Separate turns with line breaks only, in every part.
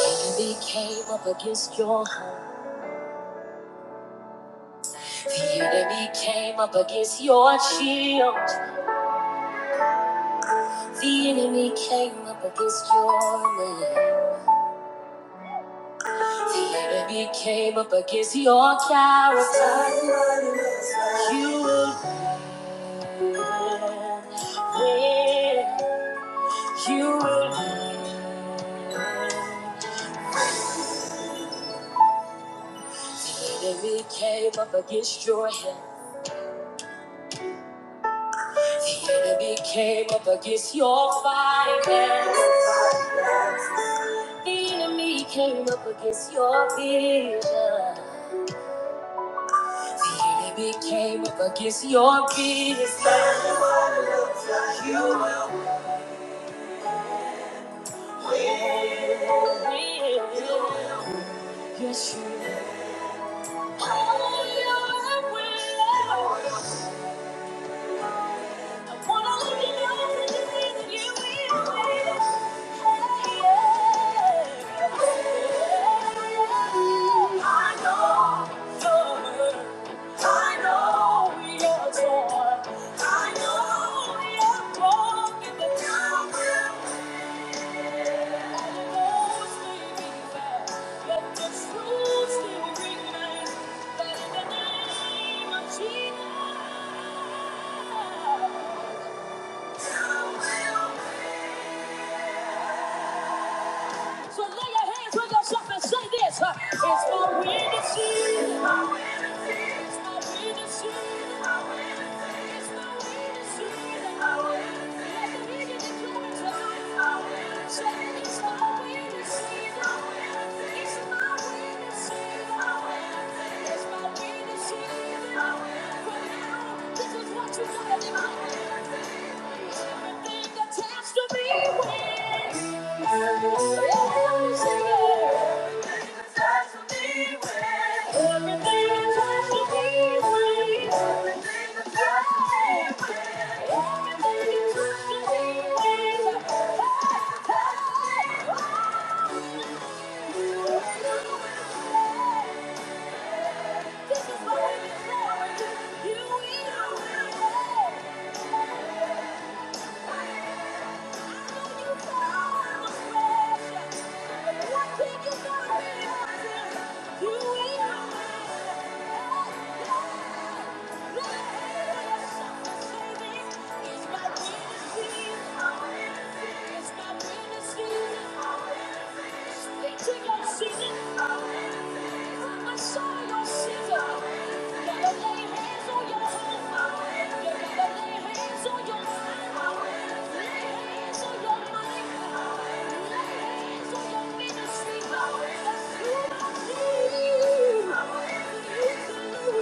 The enemy came up against your home. The enemy came up against your shield. The enemy came up against your land. The enemy came up against your character. You will win. You will win. The enemy came up against your health. The enemy came up against your finances. The enemy came up against your vision. It became up against your biggest that you will. Yes, you will. I wanna live in love with you, yeah. I know the hurt. I know you're torn. I know you're broken, but I will. Let the truth still ring, that in the name of Jesus. So lay your hands on yourself and say this. uh, It's my winning season. It's my winning season. It's my winning season. It's my winning season. Let the media declare it. Say, "It's my winning season." Everything Attached to me, wings. Sing it, sing it. This is what we declare. You will. Sing it.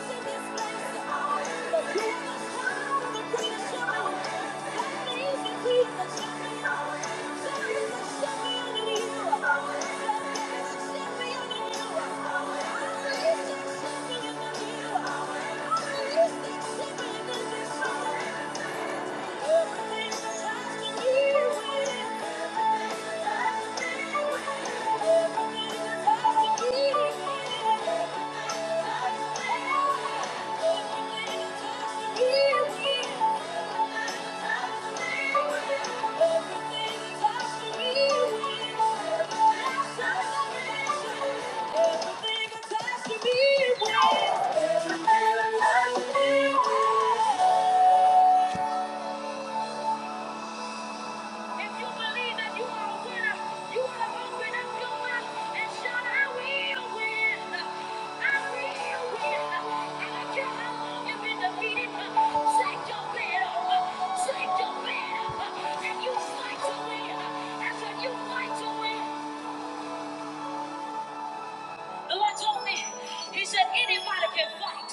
Thank you. Thank you. Everything attached to me, Everything attached to me Thank you. If you believe that you are a winner, you ought to open up your mouth and shout, I will win. I will win. I don't care how long you've been defeated. Shake your bed Shake your bed And you fight to win. I you fight to win. The Lord told me, He said, anybody can fight,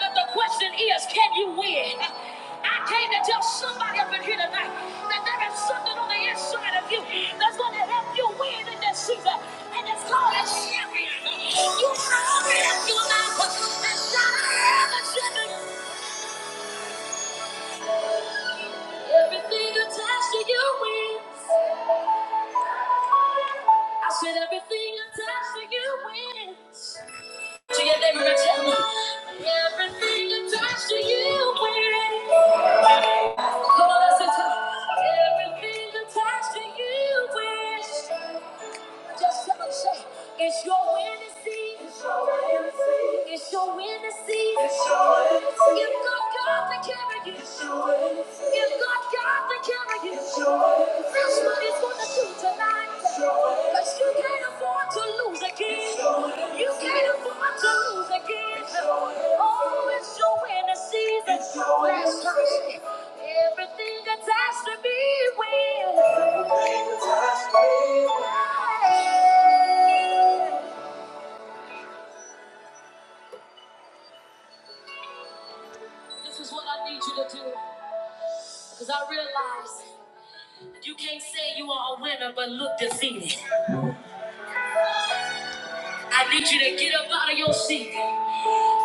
but the question is, can you win? I came to tell somebody up in here tonight that there is something on the inside of you that's going to help you win in this season, and it's called a champion. You found it in your mouth, and shout, "I am a champion." Everything attached to you wins. I said, everything attached to you wins. To your neighbor and tell them, everything attached to you wins. Come on, let's listen. Everything attached to you is just tell them, say, it's your winning season. It's your winning season. It's your winning season. It's your- God God to carry you. It's your- Give God God to carry you. What is gonna do tonight? Cause you can't afford to lose again. You can't afford to lose again. Oh, it's your winning season. Last time, everything attached to me will. This is what I need you to do. Cause I realize you can't say you are a winner but look defeated. I need you to get up out of your seat.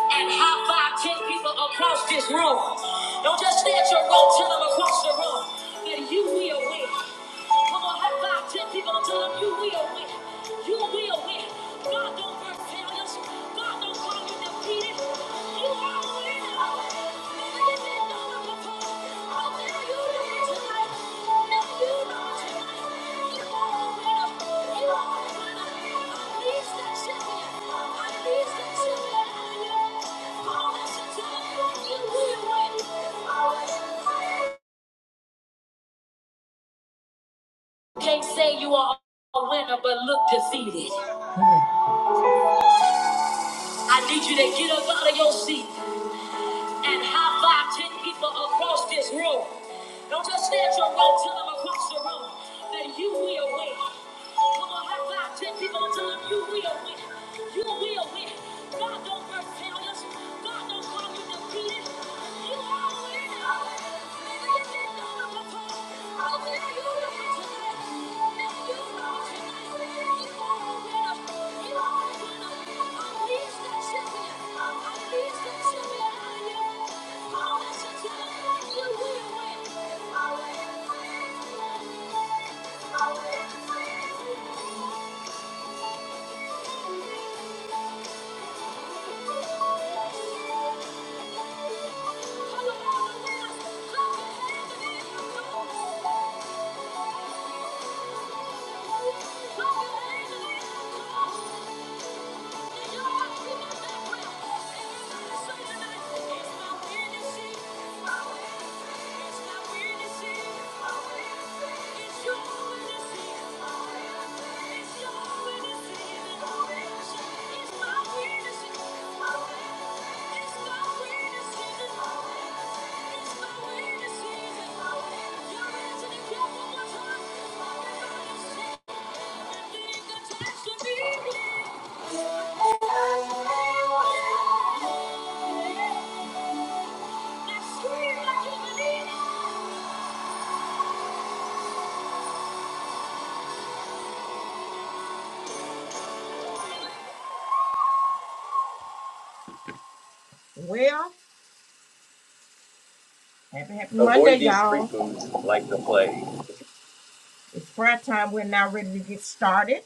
and high five ten people across this room. Don't just stay at your room, tell them across the room that you will win. Come on, high five ten people and tell them you will win. You will win. God don't work failures. God don't call you defeated. You are a winner. If you didn't know it before, I dare you to tonight. If you know tonight. Can't say you are a winner, but look defeated. I need you to get up out of your seat and high five ten people across this room. Don't just stand your room, tell them across the room that you will win. Come on, high five ten people and tell them you will win. You will win. God don't work failures. God don't call you defeated. You are a winner. Come on, come on, come on. Thank you. Well, happy, happy Monday, y'all. street foods like the plague. Prayer time. We're now ready to get started.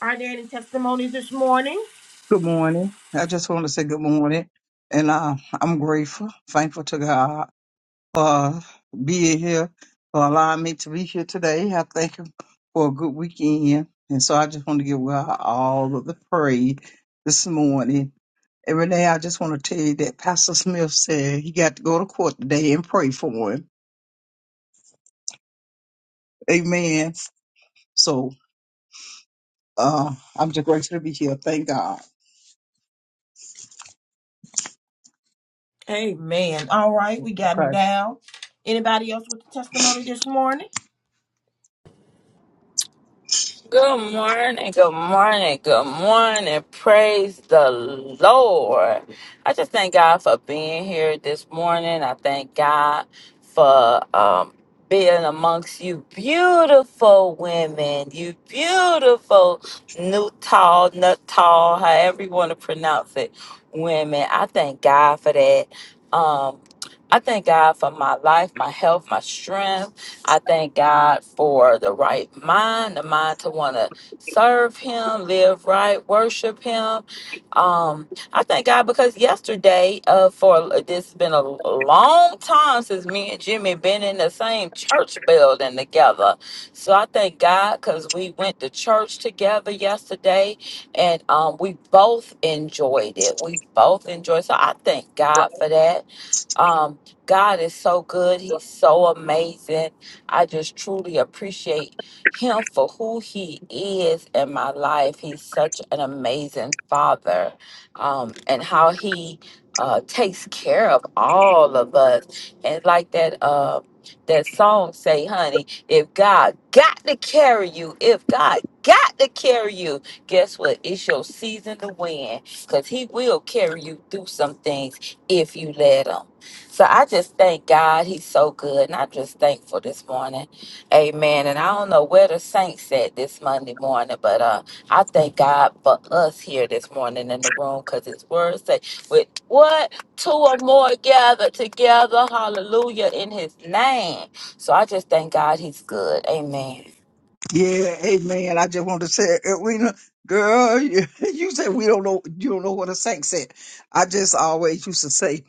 Are there any testimonies this morning?
Good morning. I just want to say good morning. And uh, I'm grateful, thankful to God for being here, for allowing me to be here today. I thank Him for a good weekend. And so I just want to give God all of the praise this morning. And Renee, I just want to tell you that Pastor Smith said he got to go to court today and pray for him. Amen. So uh, I'm just grateful to be here. Thank God.
Amen. All right, we got them down. Anybody else with a testimony this morning?
Good morning, good morning, good morning. Praise the Lord. I just thank God for being here this morning. I thank God for um, being amongst you beautiful women, you beautiful new tall, nut tall, however you want to pronounce it, women. I thank God for that. Um, I thank God for my life, my health, my strength. I thank God for the right mind, the mind to want to serve Him, live right, worship Him. Um, I thank God because yesterday, uh, for uh, this has been a long time since me and Jimmy been in the same church building together. So I thank God because we went to church together yesterday, and um, we both enjoyed it. We both enjoyed. So I thank God for that. Um, God is so good. He's so amazing. I just truly appreciate him for who he is in my life. He's such an amazing father um, and how he uh, takes care of all of us. And like that, uh, that song say, honey, if God got to carry you, if God got to carry you, guess what? It's your season to win because he will carry you through some things if you let him. So I just thank God. He's so good. And I'm just thankful this morning. Amen. And I don't know where the saints at this Monday morning, but uh, I thank God for us here this morning in the room because his word say, with what? Two or more gathered together. Hallelujah. In his name. So I just thank God he's good. Amen.
Yeah, amen. I just want to say, Edwina, girl, you, you said we don't know, you don't know what a saint said. I just always used to say,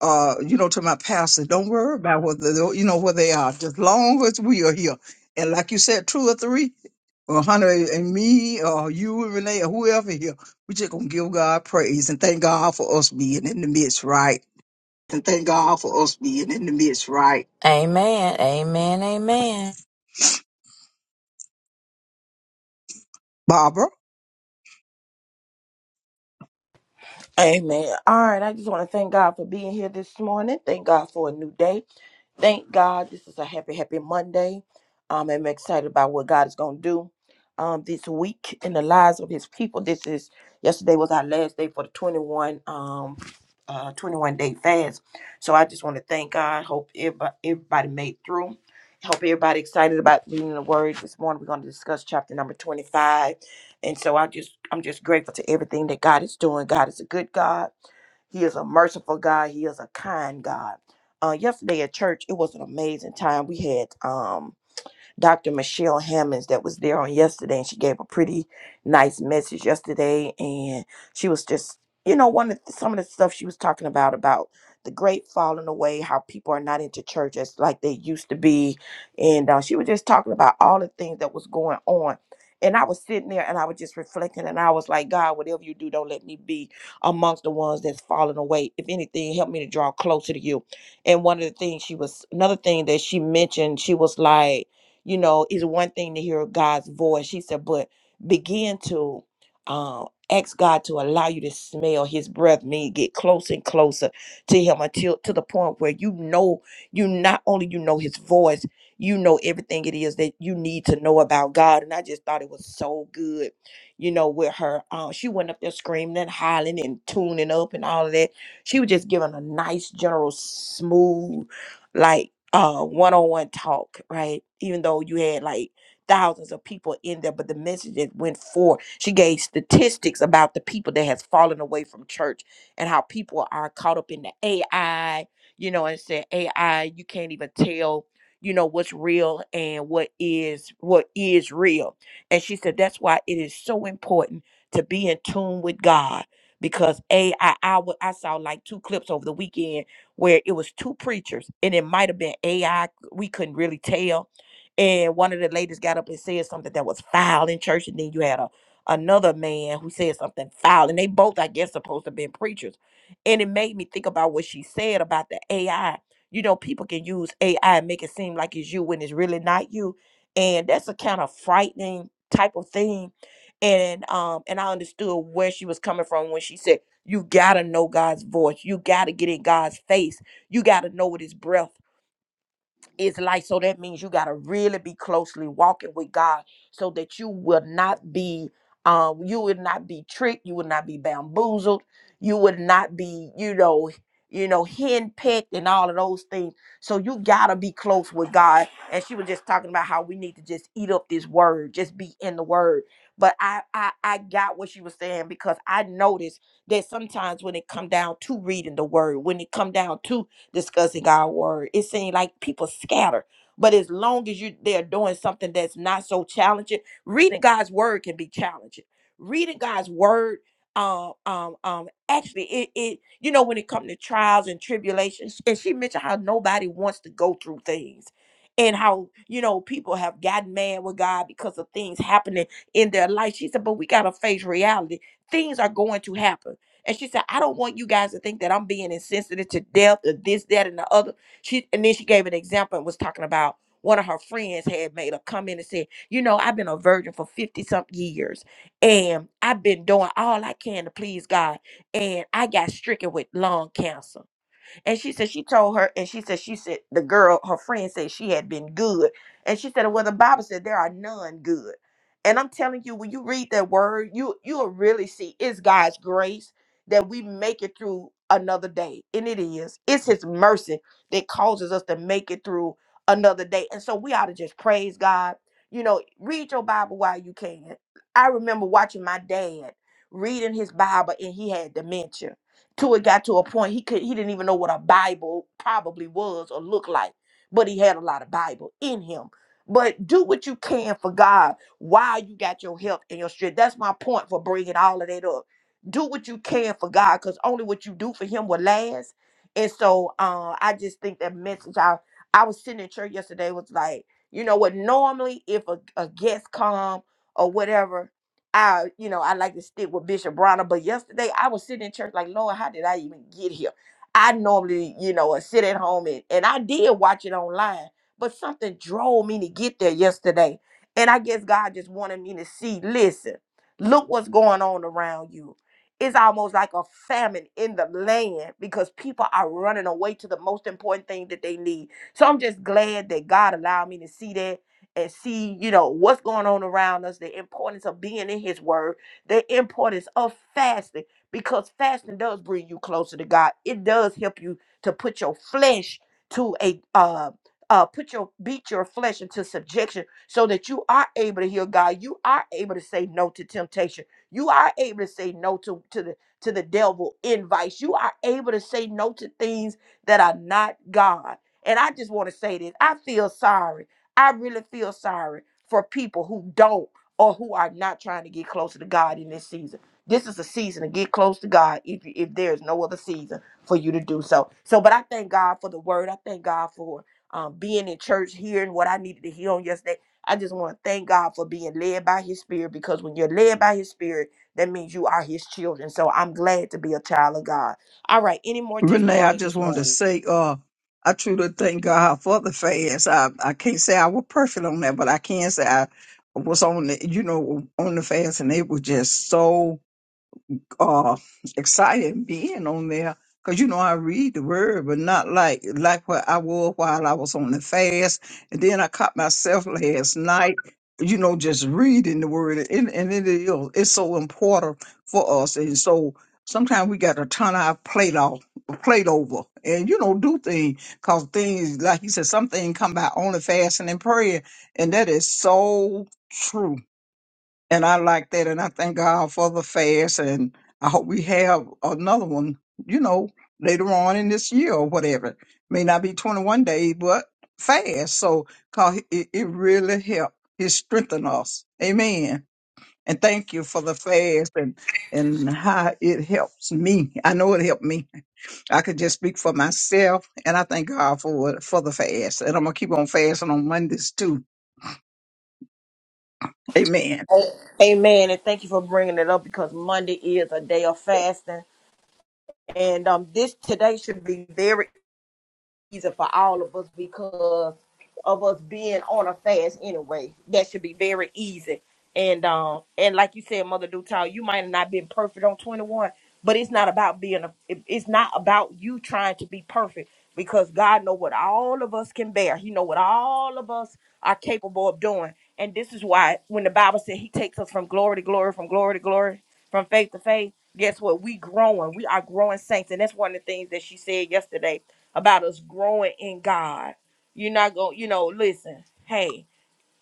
uh, you know, to my pastor, don't worry about what the, you know, where they are, just long as we are here. And like you said, two or three, or Hunter and me, or you and Renee, or whoever here, we just gonna give God praise and thank God for us being in the midst, right,
And thank God for us being in the midst, right? Amen. Amen. Amen.
Barbara?
Amen. All right. I just want to thank God for being here this morning. Thank God for a new day. Thank God. This is a happy, happy Monday. Um, I'm excited about what God is going to do um, this week in the lives of his people. This is yesterday was our last day for the 21 um, uh, 21 day fast. So I just want to thank God. Hope everybody, everybody made through. Hope everybody excited about reading the word this morning. We're going to discuss chapter number 25. And so I just I'm just grateful to everything that God is doing. God is a good God. He is a merciful God. He is a kind God. Uh, yesterday at church, it was an amazing time. We had um Dr. Michelle Hammonds that was there on yesterday, and she gave a pretty nice message yesterday. And she was just, you know, one of the, some of the stuff she was talking about about the great falling away, how people are not into church as like they used to be, and uh, she was just talking about all the things that was going on. And I was sitting there and I was just reflecting, and I was like, God, whatever you do, don't let me be amongst the ones that's falling away. If anything, help me to draw closer to you. And one of the things she was, another thing that she mentioned, she was like you know it's one thing to hear god's voice she said but begin to um ask god to allow you to smell his breath mean get closer and closer to him until to the point where you know you not only you know his voice you know everything it is that you need to know about god and i just thought it was so good you know with her um she went up there screaming and hollering and tuning up and all of that she was just giving a nice general smooth like uh one-on-one talk right even though you had like thousands of people in there but the message that went forth she gave statistics about the people that has fallen away from church and how people are caught up in the ai you know and said ai you can't even tell you know what's real and what is what is real and she said that's why it is so important to be in tune with god because ai i, wa- I saw like two clips over the weekend where it was two preachers and it might have been AI. We couldn't really tell. And one of the ladies got up and said something that was foul in church. And then you had a another man who said something foul. And they both, I guess, supposed to have been preachers. And it made me think about what she said about the AI. You know, people can use AI and make it seem like it's you when it's really not you. And that's a kind of frightening type of thing. And um, and I understood where she was coming from when she said you gotta know God's voice. You gotta get in God's face. You gotta know what his breath is like so that means you got to really be closely walking with god so that you will not be um you will not be tricked you will not be bamboozled you would not be you know you know henpecked and all of those things so you got to be close with god and she was just talking about how we need to just eat up this word just be in the word but i i, I got what she was saying because i noticed that sometimes when it come down to reading the word when it come down to discussing God's word. It seems like people scatter. But as long as you they're doing something that's not so challenging, reading God's word can be challenging. Reading God's word, um, um, um, actually, it, it you know when it comes to trials and tribulations, and she mentioned how nobody wants to go through things, and how you know people have gotten mad with God because of things happening in their life. She said, but we gotta face reality. Things are going to happen and she said, I don't want you guys to think that I'm being insensitive to death or this, that, and the other. She and then she gave an example and was talking about one of her friends had made a comment and said, You know, I've been a virgin for 50 something years and I've been doing all I can to please God. And I got stricken with lung cancer and she said she told her, and she said she said the girl, her friend said she had been good. And she said, Well, the Bible said there are none good. And I'm telling you, when you read that word, you you'll really see it's God's grace that we make it through another day. And it is. It's his mercy that causes us to make it through another day. And so we ought to just praise God. You know, read your Bible while you can. I remember watching my dad reading his Bible and he had dementia till it got to a point he could he didn't even know what a Bible probably was or looked like, but he had a lot of Bible in him. But do what you can for God while you got your help and your strength. That's my point for bringing all of that up. Do what you can for God, cause only what you do for Him will last. And so, uh, I just think that message. I I was sitting in church yesterday was like, you know what? Normally, if a, a guest come or whatever, I, you know, I like to stick with Bishop Bronner, but yesterday I was sitting in church like, Lord, how did I even get here? I normally, you know, uh, sit at home and, and I did watch it online, but something drove me to get there yesterday. And I guess God just wanted me to see, listen, look what's going on around you. It's almost like a famine in the land because people are running away to the most important thing that they need. So I'm just glad that God allowed me to see that and see, you know, what's going on around us, the importance of being in his word, the importance of fasting, because fasting does bring you closer to God. It does help you to put your flesh to a uh uh put your beat your flesh into subjection so that you are able to hear God. You are able to say no to temptation. You are able to say no to, to the to the devil invites. You are able to say no to things that are not God. And I just want to say this. I feel sorry I really feel sorry for people who don't or who are not trying to get closer to God in this season. This is a season to get close to God if you, if there's no other season for you to do so. So, but I thank God for the word. I thank God for um, being in church, hearing what I needed to hear on yesterday. I just want to thank God for being led by His Spirit because when you're led by His Spirit, that means you are His children. So I'm glad to be a child of God. All right, any more
Renee, I
testimonies
just
this
wanted to
morning?
say, uh, I truly thank God for the fast. I, I can't say I was perfect on that, but I can say I was on the, you know, on the fast and it was just so uh, excited being on there because you know I read the word, but not like like what I was while I was on the fast. And then I caught myself last night, you know, just reading the word, and, and it is it's so important for us. And so sometimes we got to turn our plate off, plate over, and you know, do things because things like you said, some things come by only fasting and prayer, and that is so true and I like that. And I thank God for the fast. And I hope we have another one, you know, later on in this year or whatever. May not be 21 days, but fast. So, cause it, it really helped. It strengthened us. Amen. And thank you for the fast and, and how it helps me. I know it helped me. I could just speak for myself. And I thank God for, it- for the fast. And I'm going to keep on fasting on Mondays too. Amen.
Amen. And thank you for bringing it up because Monday is a day of fasting. And um, this today should be very season for all of us because of us being on a fast anyway. That should be very easy. And um and like you said, Mother Dutal, you might have not been perfect on 21, but it's not about being a it- it's not about you trying to be perfect because God know what all of us can bear. He know what all of us are capable of doing. And this is why when the Bible said he takes us from glory to glory, from glory to glory, from faith to faith, guess what? We growing. We are growing saints. And that's one of the things that she said yesterday about us growing in God. You're not going, to you know, listen, hey,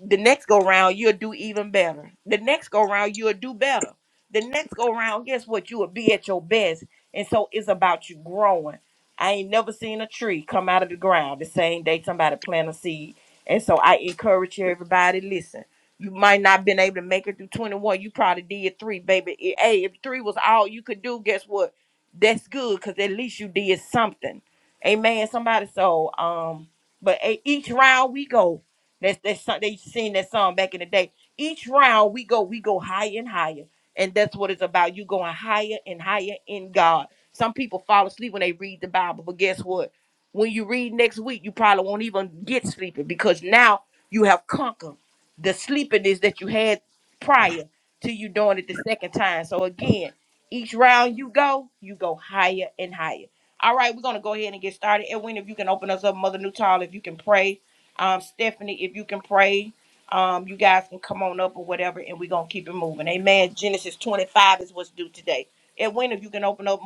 the next go round you'll do even better the next go round you'll do better the next go round guess what you will be at your best and so it's about you growing i ain't never seen a tree come out of the ground the same day somebody plant a seed and so i encourage you, everybody listen you might not been able to make it through 21 you probably did three baby It- hey if three was all you could do guess what that's good because at least you did something amen somebody so um but eh, each round we go that's that song they sing that song back in the day. Each round we go, we go higher and higher. And that's what it's about. You going higher and higher in God. Some people fall asleep when they read the Bible, but guess what? When you read next week, you probably won't even get sleepy because now you have conquered the sleepiness that you had prior to you doing it the second time. So again, each round you go, you go higher and higher. All right, we're gonna go ahead and get started. Edwin, if you can open us up, Mother Newtall, if you can pray um, Stephanie, if you can pray, um, you guys can come on up or whatever, and we're gonna keep it moving. Amen. Genesis 25 is what's due today. And when if you can open up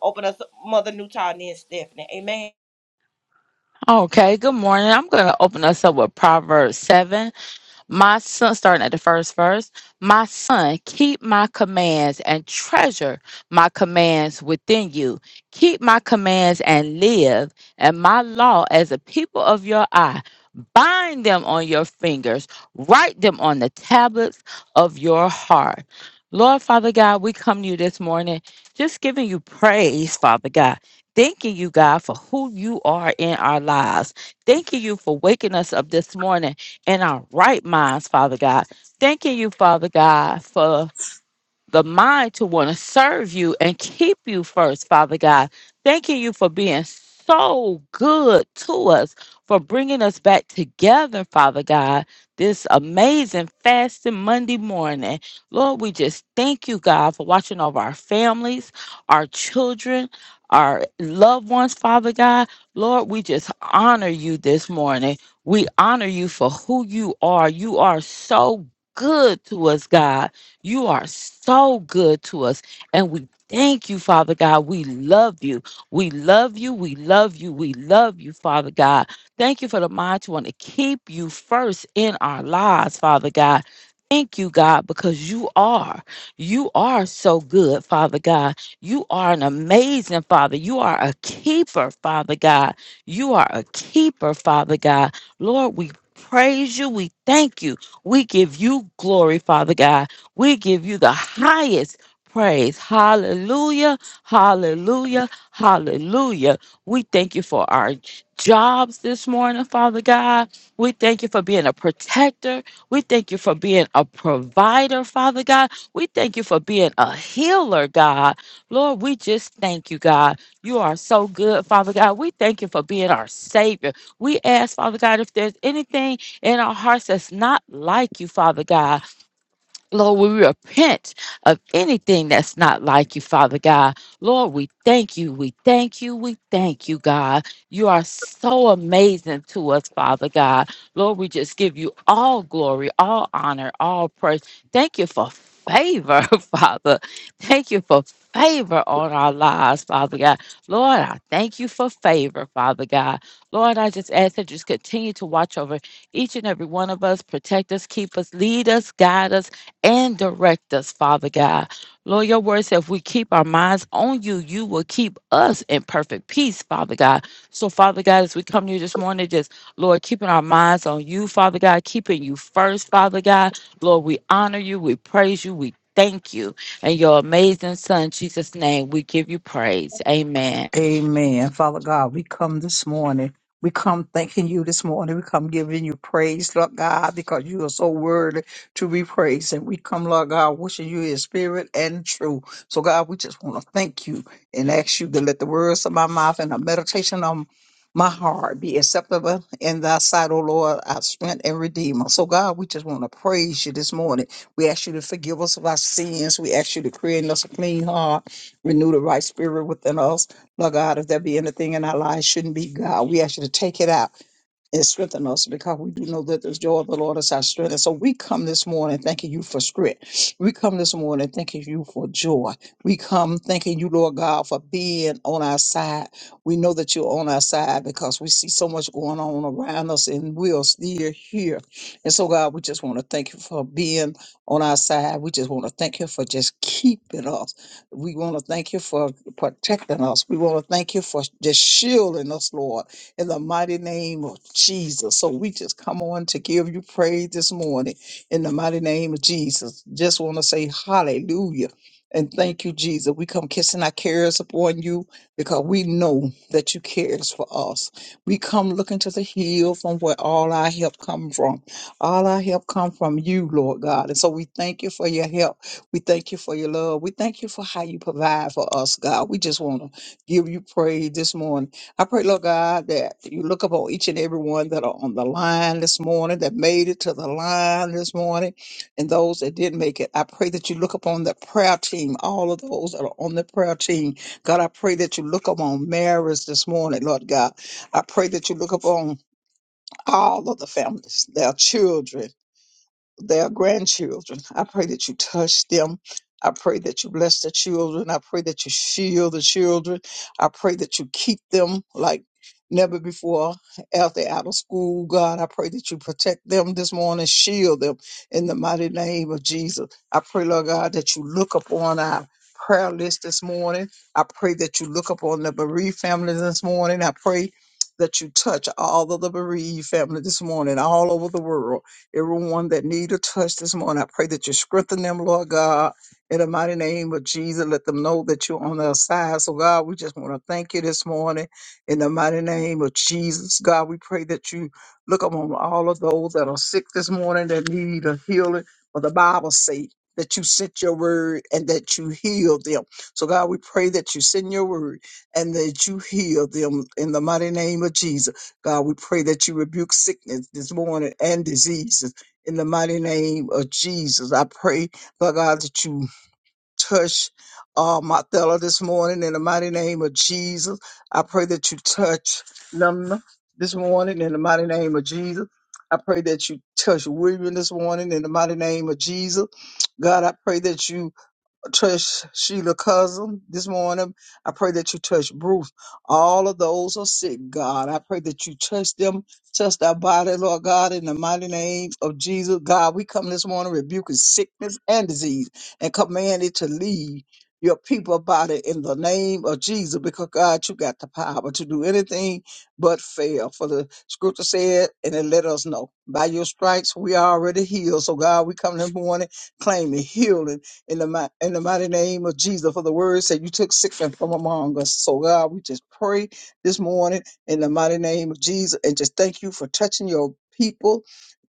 open us up, Mother Newton and Stephanie. Amen.
Okay, good morning. I'm going to open us up with Proverbs 7. My son, starting at the first verse, my son, keep my commands and treasure my commands within you. Keep my commands and live, and my law as a people of your eye. Bind them on your fingers, write them on the tablets of your heart. Lord Father God, we come to you this morning just giving you praise, Father God. Thanking you, God, for who you are in our lives. Thanking you for waking us up this morning in our right minds, Father God. Thanking you, Father God, for the mind to want to serve you and keep you first, Father God. Thanking you for being so good to us, for bringing us back together, Father God, this amazing fasting Monday morning. Lord, we just thank you, God, for watching over our families, our children. Our loved ones, Father God, Lord, we just honor you this morning. We honor you for who you are. You are so good to us, God. You are so good to us. And we thank you, Father God. We love you. We love you. We love you. We love you, Father God. Thank you for the mind to want to keep you first in our lives, Father God. Thank you, God, because you are. You are so good, Father God. You are an amazing Father. You are a keeper, Father God. You are a keeper, Father God. Lord, we praise you. We thank you. We give you glory, Father God. We give you the highest praise. Hallelujah. Hallelujah. Hallelujah. We thank you for our j- jobs this morning, Father God. We thank you for being a protector. We thank you for being a provider, Father God. We thank you for being a healer, God. Lord, we just thank you, God. You are so good, Father God. We thank you for being our Savior. We ask, Father God, if there's anything in our hearts that's not like you, Father God. Lord, we repent of anything that's not like you, Father God. Lord, we thank you. We thank you. We thank you, God. You are so amazing to us, Father God. Lord, we just give you all glory, all honor, all praise. Thank you for favor, Father. Thank you for favor on our lives, Father God. Lord, I thank you for favor, Father God. Lord, I just ask that you just continue to watch over each and every one of us, protect us, keep us, lead us, guide us and direct us, Father God. Lord, your word said if we keep our minds on you, you will keep us in perfect peace, Father God. So, Father God, as we come to you this morning, just Lord, keeping our minds on you, Father God, keeping you first, Father God. Lord, we honor you, we praise you, we thank you. And your amazing Son, Jesus' name, we give you praise. Amen.
Amen. Father God, we come this morning. We come thanking you this morning. We come giving you praise, Lord God, because you are so worthy to be praised. And we come, Lord God, wishing you in spirit and truth. So, God, we just want to thank you and ask you to let the words of my mouth and the meditation of my heart be acceptable in thy sight, O Lord, our strength and redeemer. So, God, we just want to praise you this morning. We ask you to forgive us of our sins. We ask you to create in us a clean heart renew the right spirit within us. Lord God, if there be anything in our lives shouldn't be God, we ask you to take it out and strengthen us because we do know that the joy of the Lord is our strength. And so we come this morning thanking you for strength. We come this morning thanking you for joy. We come thanking you, Lord God, for being on our side. We know that you're on our side because we see so much going on around us and we are still here. And so, God, we just want to thank you for being on our side. We just want to thank you for just keeping us. We want to thank you for protecting us. We want to thank you for just shielding us, Lord in the mighty name of Jesus. So we just come on to give you praise this morning in the mighty name of Jesus. Just want to say hallelujah. And thank you, Jesus. We come kissing our cares upon you because we know that you cares for us. We come looking to the hill from where all our help come from. All our help come from you, Lord God. And so we thank you for your help. We thank you for your love. We thank you for how you provide for us, God. We just want to give you praise this morning. I pray, Lord God, that you look upon each and every one that are on the line this morning, that made it to the line this morning, and those that didn't make it. I pray that you look upon the prayer team, all of those that are on the prayer team. God, I pray that you look upon Mary's this morning, Lord God. I pray that you look upon all of the families, their children their grandchildren. I pray that you touch them. I pray that you bless the children. I pray that you shield the children. I pray that you keep them like never before after out of school. God, I pray that you protect them this morning, shield them in the mighty name of Jesus. I pray, Lord God, that you look upon our prayer list this morning. I pray that you look upon the bereaved families this morning. I pray that you touch all of the bereaved family this morning all over the world everyone that need a touch this morning. I pray that you strengthen them, Lord God, in the mighty name of Jesus. Let them know that you're on their side. So, God, we just want to thank you this morning in the mighty name of Jesus. God, we pray that you look upon all of those that are sick this morning that need a healing for the Bible sake. That you sent your word and that you healed them. So, God, we pray that you send your word and that you heal them in the mighty name of Jesus. God, we pray that you rebuke sickness this morning and diseases in the mighty name of Jesus. I pray, Lord God, that you touch uh, my this morning in the mighty name of Jesus. I pray that you touch them this morning in the mighty name of Jesus. I pray that you touch William this morning in the mighty name of Jesus. God, I pray that you touch Sheila cousin this morning. I pray that you touch Bruce. All of those are sick, God. I pray that you touch them, touch their body, Lord God, in the mighty name of Jesus. God, we come this morning rebuking sickness and disease and command it to leave your people body in the name of Jesus because God, you got the power to do anything but fail. For the scripture said, and it let us know by your stripes we are already healed. So God, we come this morning claiming healing in the, mi- in the mighty name of Jesus. For the word said you took sickness from among us. So God, we just pray this morning in the mighty name of Jesus and just thank you for touching your people.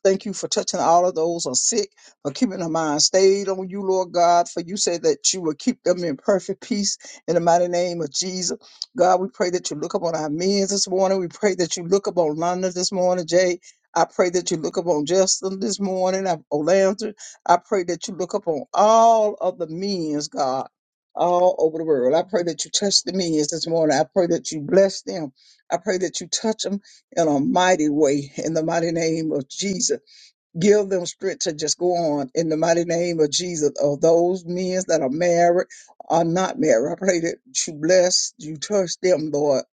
Thank you for touching all of those who are sick, for keeping their mind stayed on you, Lord God, for you said that you will keep them in perfect peace in the mighty name of Jesus. God, we pray that you look upon our men this morning. We pray that you look upon London this morning, Jay. I pray that you look upon Justin this morning, Olandra. I pray that you look upon all of the means, God, all over the world. I pray that you touch the means this morning. I pray that you bless them. I pray that you touch them in a mighty way in the mighty name of Jesus. Give them strength to just go on in the mighty name of Jesus. Of those men that are married or not married, I pray that you bless, you touch them, Lord.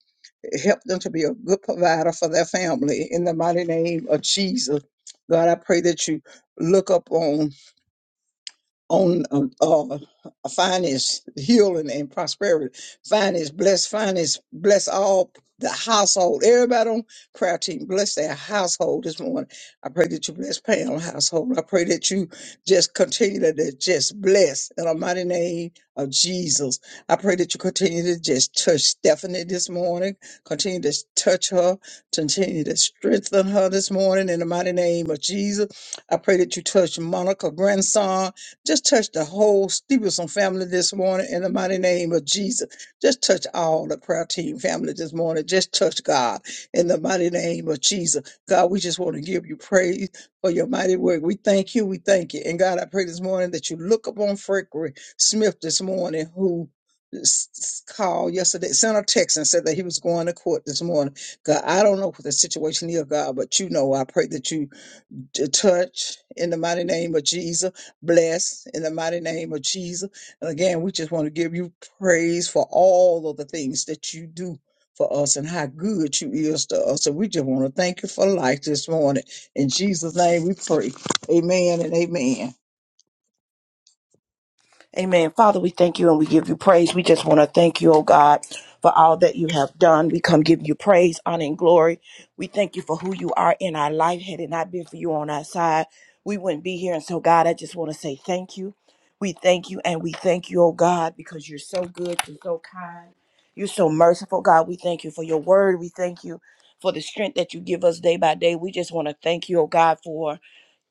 Help them to be a good provider for their family in the mighty name of Jesus. God, I pray that you look up on on uh, uh, finance, healing, and prosperity. Finance, bless finance, bless all the household. Everybody on prayer team, bless their household this morning. I pray that you bless Pam's household. I pray that you just continue to to just bless in the mighty name of Jesus. I pray that you continue to just touch Stephanie this morning. Continue to touch her. Continue to strengthen her this morning in the mighty name of Jesus. I pray that you touch Monica grandson. Just touch the whole Stevenson family this morning in the mighty name of Jesus. Just touch all the prayer team family this morning. Just touch God in the mighty name of Jesus. God, we just want to give you praise for your mighty work. We thank you. We thank you. And God, I pray this morning that you look upon Frederick Smith this morning who s- s- called yesterday, sent a text and said that he was going to court this morning. God, I don't know what the situation is, God, but you know, I pray that you to touch in the mighty name of Jesus. Bless in the mighty name of Jesus. And again, we just want to give you praise for all of the things that you do for us and how good you is to us. So we just want to thank you for life this morning. In Jesus' name we pray. Amen and amen.
Amen. Father, we thank you and we give you praise. We just want to thank you, oh God, for all that you have done. We come give you praise, honor, and glory. We thank you for who you are in our life. Had it not been for you on our side, we wouldn't be here. And so, God, I just want to say thank you. We thank you and we thank you, oh God, because you're so good, you're so kind, you're so merciful, God. We thank you for your word. We thank you for the strength that you give us day by day. We just want to thank you, oh God, for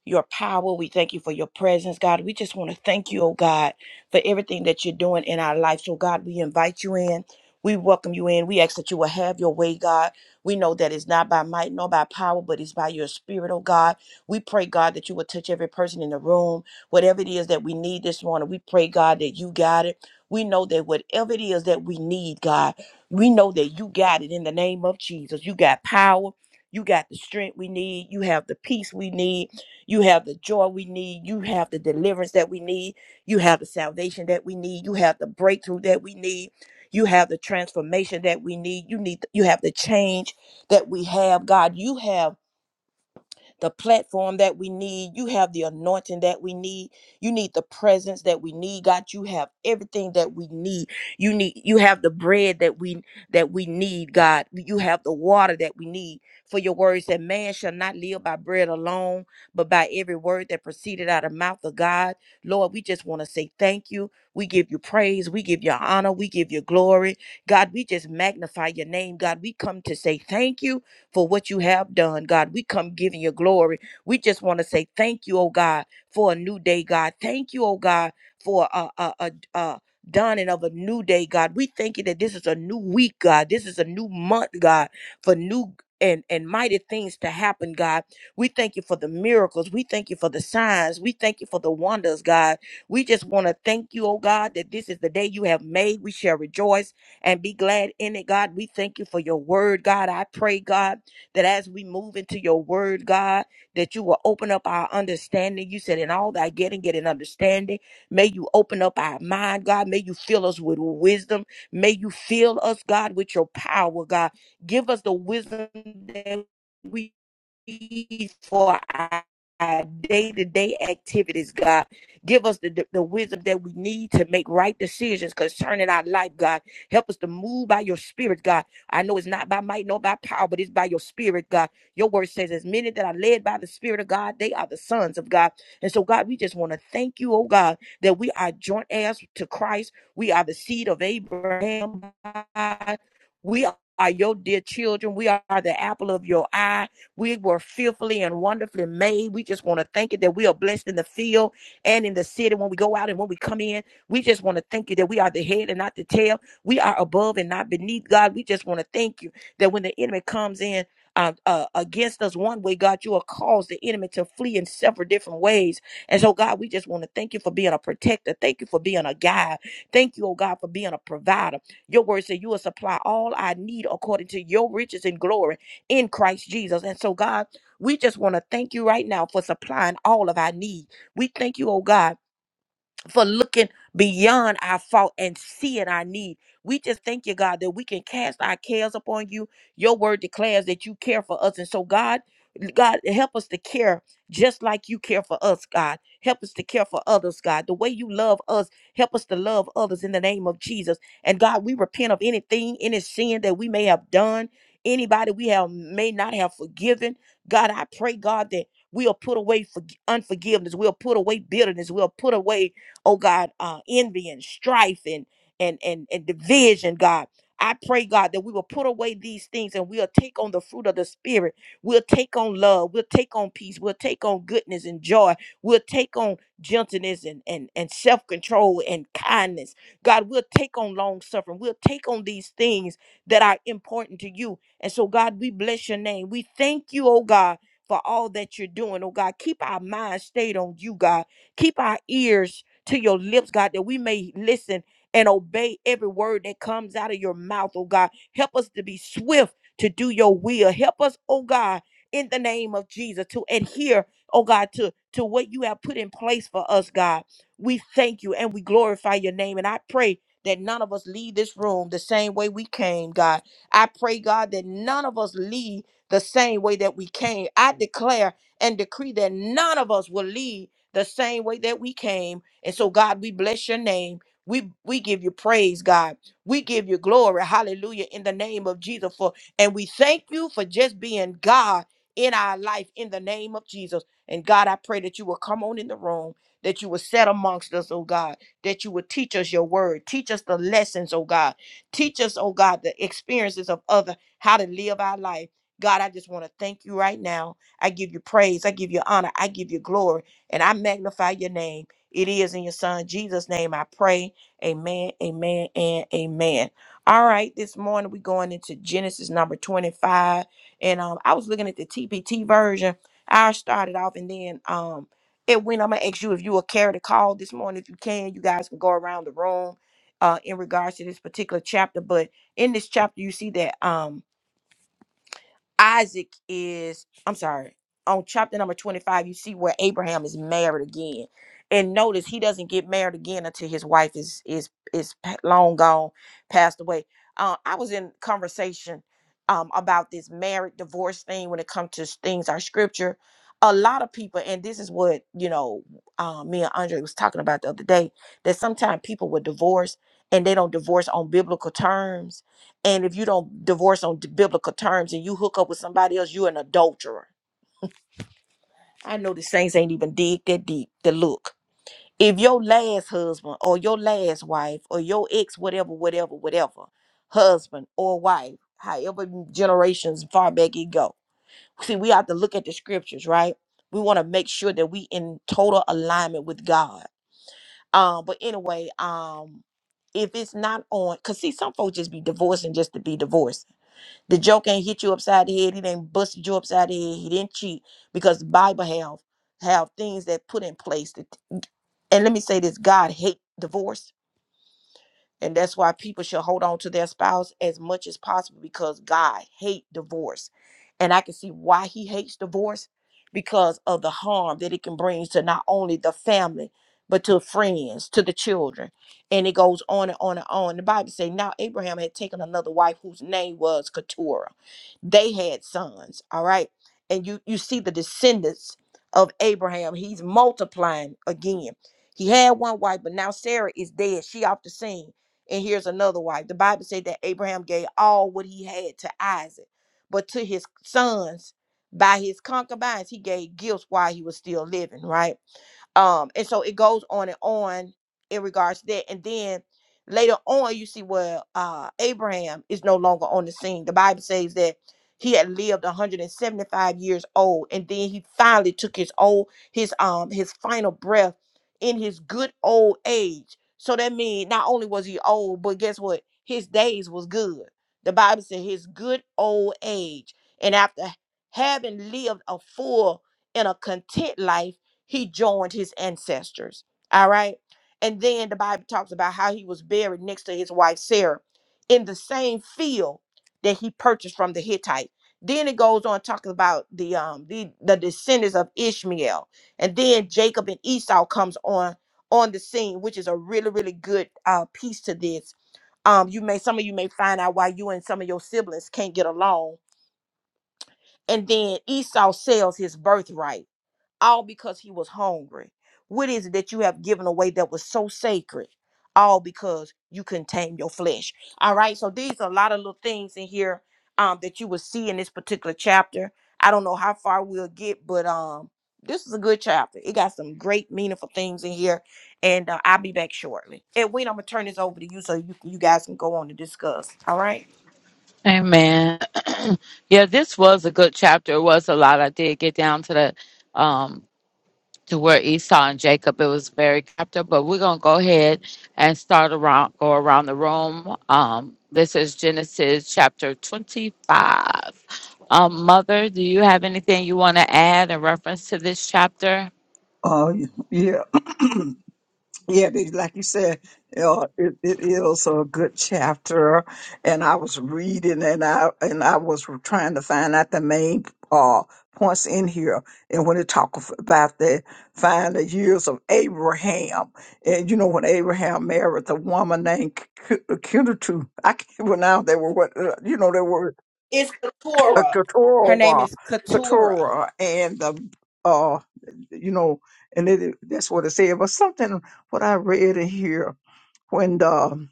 your power. We thank you for your presence, God. We just want to thank you, oh God, for everything that you're doing in our life. So, God, we invite you in. We welcome you in. We ask that you will have your way, God. We know that it's not by might nor by power, but it's by your spirit, oh God. We pray, God, that you will touch every person in the room. Whatever it is that we need this morning, we pray, God, that you got it. We know that whatever it is that we need, God, we know that you got it in the name of Jesus. You got power. You got the strength we need. You have the peace we need. You have the joy we need. You have the deliverance that we need. You have the salvation that we need. You have the breakthrough that we need. You have the transformation that we need. You need you have the change that we have. God, you have the platform that we need. You have the anointing that we need. You need the presence that we need. God, you have everything that we need. You need you have the bread that we that we need, God. You have the water that we need. For your words that man shall not live by bread alone, but by every word that proceeded out of the mouth of God. Lord, we just want to say thank you. We give you praise. We give you honor. We give you glory. God, we just magnify your name. God, we come to say thank you for what you have done, God. We come giving you glory. We just want to say thank you, oh God, for a new day, God. Thank you, oh God, for a a a. a dawning of a new day, God. We thank you that this is a new week, God. This is a new month, God, for new and, and mighty things to happen, God. We thank you for the miracles. We thank you for the signs. We thank you for the wonders, God. We just want to thank you, oh God, that this is the day you have made. We shall rejoice and be glad in it, God. We thank you for your word, God. I pray, God that as we move into your word, God, that you will open up our understanding. You said, in all thy getting, get an understanding. May you open up our mind, God. May you fill us with wisdom. May you fill us, God, with your power, God. Give us the wisdom that we for our our day-to-day activities, God. Give us the, the wisdom that we need to make right decisions concerning our life, God. Help us to move by your spirit, God. I know it's not by might nor by power, but it's by your spirit, God. Your word says, as many that are led by the spirit of God, they are the sons of God. And so, God, we just want to thank you, oh God, that we are joint heirs to Christ. We are the seed of Abraham, God. We are your dear children. We are the apple of your eye. We were fearfully and wonderfully made. We just want to thank you that we are blessed in the field and in the city when we go out and when we come in. We just want to thank you that we are the head and not the tail. We are above and not beneath, God. We just want to thank you that when the enemy comes in, uh, uh, against us one way, God, you will cause the enemy to flee in several different ways. And so, God, we just want to thank you for being a protector. Thank you for being a guide. Thank you, oh God, for being a provider. Your word said you will supply all I need according to your riches and glory in Christ Jesus. And so, God, we just want to thank you right now for supplying all of our need. We thank you, oh God for looking beyond our fault and seeing our need. We just thank you, God, that we can cast our cares upon you. Your word declares that you care for us. And so, God, God, help us to care just like you care for us, God. Help us to care for others, God. The way you love us, help us to love others in the name of Jesus. And God, we repent of anything, any sin that we may have done, anybody we have may not have forgiven. God, I pray, God, that we'll put away forg- unforgiveness. We'll put away bitterness. We'll put away oh God, uh, envy and strife and and and and division, God. I pray, God, that we will put away these things and we'll take on the fruit of the Spirit. We'll take on love. We'll take on peace. We'll take on goodness and joy. We'll take on gentleness and, and, and self control and kindness. God, we'll take on long suffering. We'll take on these things that are important to you. And so, God, we bless your name. We thank you, oh God, for all that you're doing, oh God. Keep our minds stayed on you, God. Keep our ears to your lips, God, that we may listen and obey every word that comes out of your mouth, oh God. Help us to be swift to do your will. Help us, oh God, in the name of Jesus, to adhere, oh God, to, to what you have put in place for us, God. We thank you and we glorify your name. And I pray that none of us leave this room the same way we came, God. I pray, God, that none of us leave the same way that we came. I declare and decree that none of us will leave the same way that we came and so, God, we bless your name. We, we give you praise, God. We give you glory. Hallelujah. In the name of Jesus. For and we thank you for just being God in our life in the name of Jesus. And God, I pray that you will come on in the room, that you will set amongst us, oh God, that you will teach us your word, teach us the lessons, oh God. Teach us, oh God, the experiences of other, how to live our life. God, I just want to thank you right now. I give you praise. I give you honor. I give you glory. And I magnify your name. It is in your son Jesus' name I pray. Amen, amen, and amen. All right, this morning we're going into Genesis number 25. And um, I was looking at the TPT version. I started off and then um it went. I'm gonna ask you if you will carry the call this morning. If you can, you guys can go around the room uh in regards to this particular chapter. But in this chapter, you see that um Isaac is, I'm sorry, on chapter number 25, you see where Abraham is married again. And notice he doesn't get married again until his wife is is is pa- long gone, passed away. Uh, I was in conversation um, about this married divorce thing when it comes to s- things our scripture. A lot of people, and this is what you know, uh, me and Andre was talking about the other day, that sometimes people will divorce and they don't divorce on biblical terms and if you don't divorce on biblical terms and you hook up with somebody else, you're an adulterer. I know the saints ain't even dig that deep to look. If your last husband or your last wife or your ex, whatever, whatever, whatever, husband or wife, however generations far back it go. See, we have to look at the scriptures, right? We want to make sure that we in total alignment with God. Um, but anyway, um, if it's not on, cause see, some folks just be divorcing just to be divorced The joke ain't hit you upside the head. He didn't busted you upside the head. He didn't cheat because the Bible have have things that put in place. That, and let me say this: God hate divorce. And that's why people should hold on to their spouse as much as possible because God hate divorce. And I can see why he hates divorce because of the harm that it can bring to not only the family, but to friends, to the children. And it goes on and on and on. The Bible say now Abraham had taken another wife whose name was Keturah. They had sons, all right? And you you see the descendants of Abraham. He's multiplying again. He had one wife, but now Sarah is dead. She off the scene and here's another wife. The Bible said that Abraham gave all what he had to Isaac, but to his sons, by his concubines, he gave gifts while he was still living, right? um and so it goes on and on in regards to that and then later on you see where uh abraham is no longer on the scene the bible says that he had lived 175 years old and then he finally took his old his um his final breath in his good old age. So that means not only was he old, but guess what? His days was good. The Bible said his good old age. And after having lived a full and a content life, he joined his ancestors. All right. And then the Bible talks about how he was buried next to his wife Sarah in the same field that he purchased from the Hittite. Then it goes on talking about the um the, the descendants of Ishmael and then jacob and esau comes on on the scene which is a really really good uh piece to this um you may some of you may find out why you and some of your siblings can't get along and then esau sells his birthright all because he was hungry. What is it that you have given away that was so sacred? All because you couldn't tame your flesh. All right. So these are a lot of little things in here um, that you will see in this particular chapter. I don't know how far we'll get, but um, this is a good chapter. It got some great, meaningful things in here, and uh, I'll be back shortly. And when I'm gonna turn this over to you, so you you guys can go on to discuss. All right.
Amen. yeah, this was a good chapter. It was a lot. I did get down to the um to where Esau and Jacob. It was very captive, but we're gonna go ahead and start around go around the room. Um, this is Genesis chapter twenty-five. Um, Mother, do you have anything you want to add in reference to this chapter?
Uh, yeah. Yeah, they- like you said, you know, it, it is a good chapter, and I was reading, and I and I was trying to find out the main uh, points in here, and when it talk about the find the years of Abraham, and you know when Abraham married the woman named K- K- Keturah, I can't pronounce they were what uh, you know they were
It's
a
Katora. Her name
Keturah,
is Katora.
Keturah, and the uh, you know, and it, that's what it said. But something what I read in here when the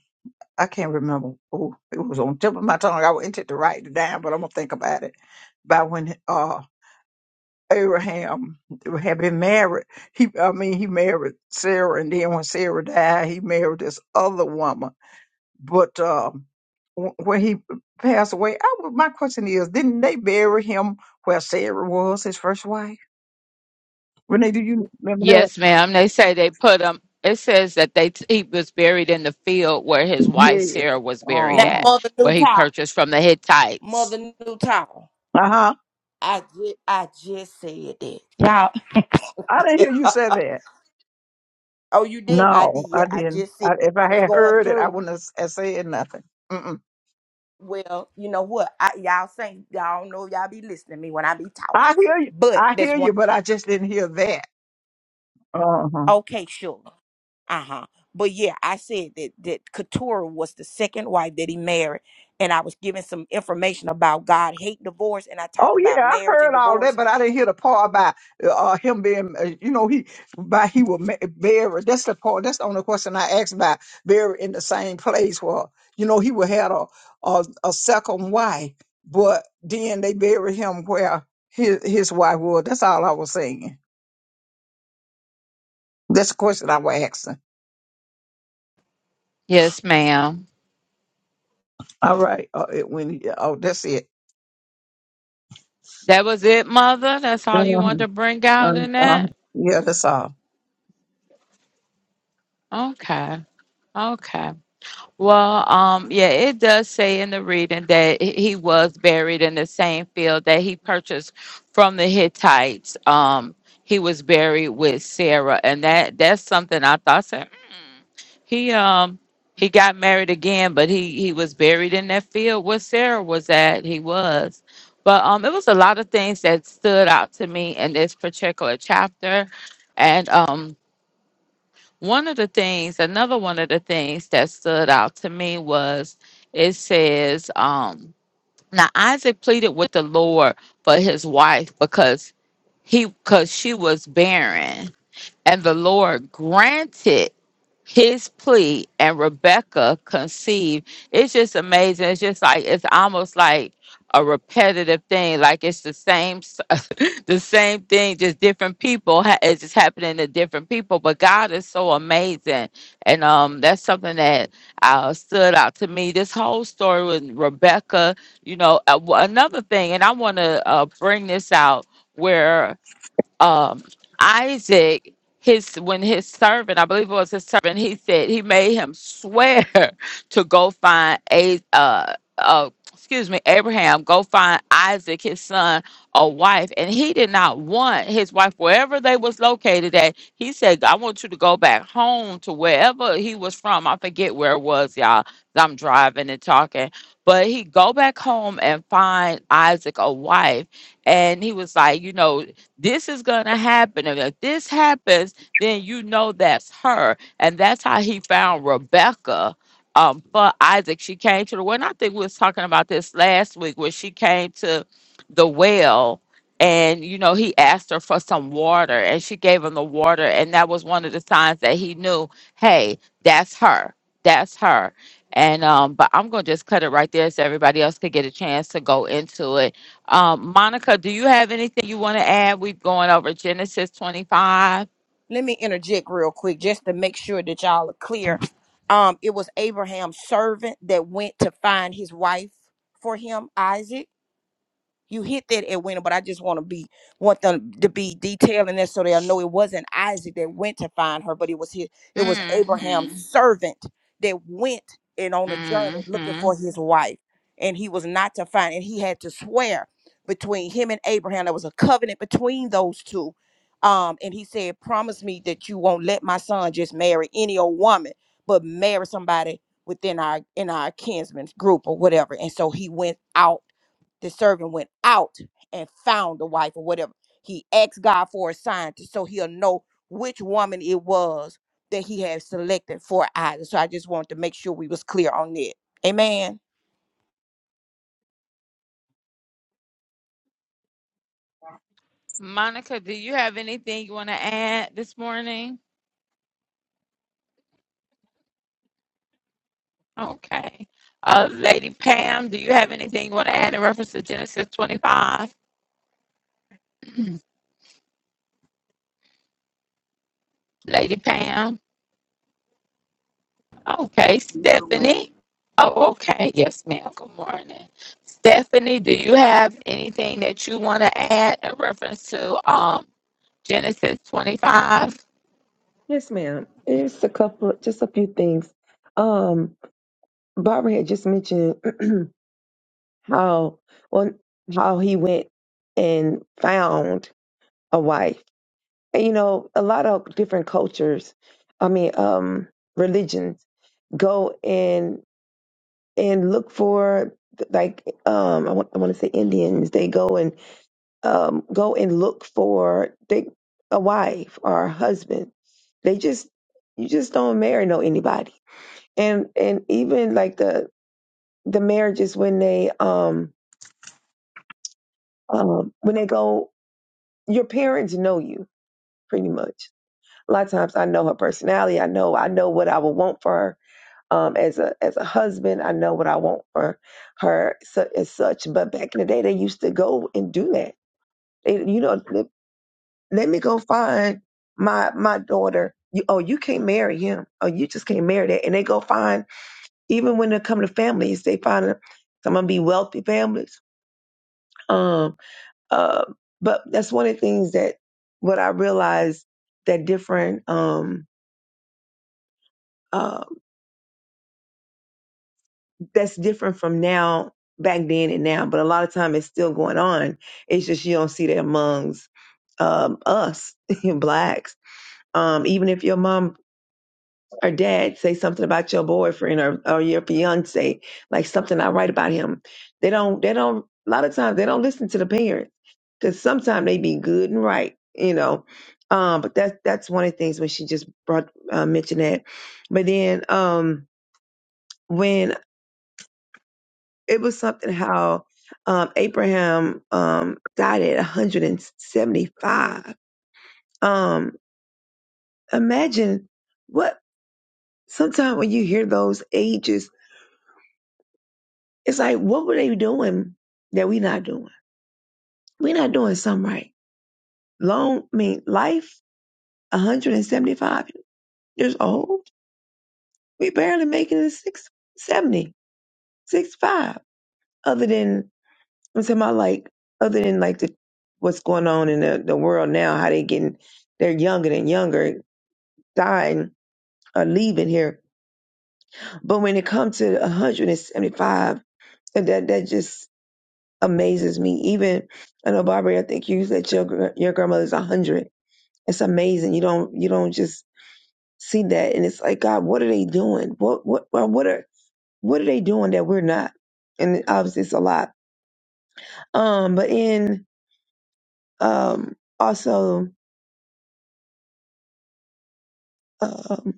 I can't remember. Oh, it was on tip of my tongue. I wanted to write it down, but I'm gonna think about it. About when uh Abraham had been married. He, I mean, he married Sarah, and then when Sarah died, he married this other woman but um, wh- when he passed away, I, w- my question is, didn't they bury him where Sarah was, his first wife? Renee, do you remember that?
Yes, ma'am. They say they put him. It says that they he was buried in the field where his wife
Yes.
Sarah was buried
Now,
Uh
at,
Mother
where
New
he
Town.
purchased from the Hittites.
Mother New Town.
huh.
I just, I just said that. Y'all.
I didn't hear you say that.
Oh, you didn't? I
No,
did.
I
I
didn't.
just said
I, if
I
I
was
had
going
heard it, I
through.
wouldn't have s- have said nothing. Mm-mm.
Well, you know what? I, y'all say y'all don't know y'all be listening to me when I be talking,
I hear you.
but
I
that's
hear
one.
you, but I just didn't hear that. Uh huh.
Okay, sure. Uh huh. But yeah, I said that that Keturah was the second wife that he married, and I was giving some information about God hate divorce, and I talked
Oh yeah,
about
I
marriage and
heard all that,
divorce.
but I didn't hear the part about uh, him being, uh, you know, he by he was ma- buried. That's the part. That's the only question I asked about buried in the same place where you know he would had a a, a second wife, but then they buried him where his his wife was. That's all I was saying. That's the question I was asking.
Yes, ma'am.
All right, uh, it, when oh that's it.
That was it, Mother. That's all you wanted
Mhm.
to bring out
Um,
in
um,
that.
yeah, that's all.
Okay. Okay. Well, um, yeah, it does say in the reading that he he was buried in the same field that he purchased from the Hittites. Um, he was buried with Sarah, and that that's something I thought. I said, "Mm, He um he got married again, but he he was buried in that field where Sarah was at. He was, but um, it was a lot of things that stood out to me in this particular chapter, and um. One of the things, another one of the things that stood out to me was it says, um, now Isaac pleaded with the Lord for his wife because he because she was barren, and the Lord granted his plea, and Rebecca conceived. It's just amazing. It's just like it's almost like a repetitive thing. Like it's the same. the same thing, just different people. ha- It's just happening to different people. But God is so amazing, and um, that's something that uh, stood out to me. This whole story with Rebecca, you know, uh, wh- another thing, and I want to uh, bring this out where um, Isaac, his when his servant, I believe it was his servant, he said he made him swear to go find a uh, uh, excuse me, Abraham, go find Isaac, his son, a wife, and he did not want his wife wherever they was located at. He said, "I want you to go back home to wherever he was from. I forget where it was, y'all. 'cause I'm driving and talking." But he go back home and find Isaac a wife and he was like, you know, this is going to happen. And if this happens, then you know that's her. And that's how he found Rebecca um, for Isaac. She came to the well. And I think we was talking about this last week where she came to the well and, you know, he asked her for some water and she gave him the water. And that was one of the signs that he knew, hey, that's her. That's her. And um, but I'm gonna just cut it right there so everybody else could get a chance to go into it um, Monica, do you have anything you want to add? We've gone over Genesis 25.
Let me interject real quick just to make sure that y'all are clear. Um, it was Abraham's servant that went to find his wife for him, Isaac You hit that, Edwina, but I just want to be want them to be detailing that so they'll know it wasn't Isaac that went to find her, but it was his it was
hmm
Abraham's servant that went and on a journey looking
hmm
for his wife. And he was not to find, and he had to swear between him and Abraham. There was a covenant between those two. Um, and he said, Promise me that you won't let my son just marry any old woman, but marry somebody within our in our kinsman's group or whatever. And so he went out the servant went out and found the wife or whatever. He asked God for a sign to, so he'll know which woman it was that he had selected for Isaac. So I just wanted to make sure we was clear on that. Amen.
Monica, do you have anything you want to add this morning? Okay. Uh, Lady Pam, do you have anything you want to add in reference to Genesis 25? Lady Pam. Okay.
No, man.
Stephanie. Oh, okay. Yes, ma'am. Good morning. Stephanie, do you have anything that you want to add in reference to um, Genesis 25?
Yes, ma'am. It's a couple, just a few things. Um, Barbara had just mentioned how well how he went and found a wife. And, you know, a lot of different cultures, I mean, um, religions go and and look for like um I want I want to say Indians. They go and um go and look for they a wife or a husband. They just you just don't marry no anybody and and even like the the marriages when they um um when they go your parents know you pretty much a lot of times i know her personality i know i know what i would want for her um as a as a husband i know what i want for her su- as such but back in the day they used to go and do that they, you know let, let me go find my my daughter you, oh you can't marry him oh you just can't marry that and they go find even when they come to families they find some of them be wealthy families Um, uh, but that's one of the things that what I realized that different um, uh, that's different from now back then and now. But a lot of time it's still going on. It's just you don't see that amongst um, us blacks. Um, even if your mom or dad say something about your boyfriend or, or your fiance, like something I write about him. They don't, they don't, a lot of times they don't listen to the parents because sometimes they be good and right, you know. Um, but that's, that's one of the things when she just brought, uh, mentioned that. But then, um, when it was something how, um, Abraham, um, died at 175. Um, imagine what, sometimes when you hear those ages, It's like, what were they doing that we not doing? we not doing something right. Long, I mean, life, 175 years old. We barely making it to 670, Other than, I'm talking about like, other than like the, what's going on in the, the world now, how they getting, they're younger and younger, dying or leaving here. But when it comes to 175, that, that that just amazes me. Even, I know, Barbara, I think you said your, gr- your grandmother's 100 It's amazing. You don't you don't just see that, and it's like God, what are they doing? What what well, what are what are they doing that we're not? And obviously, it's a lot. Um, but in um also um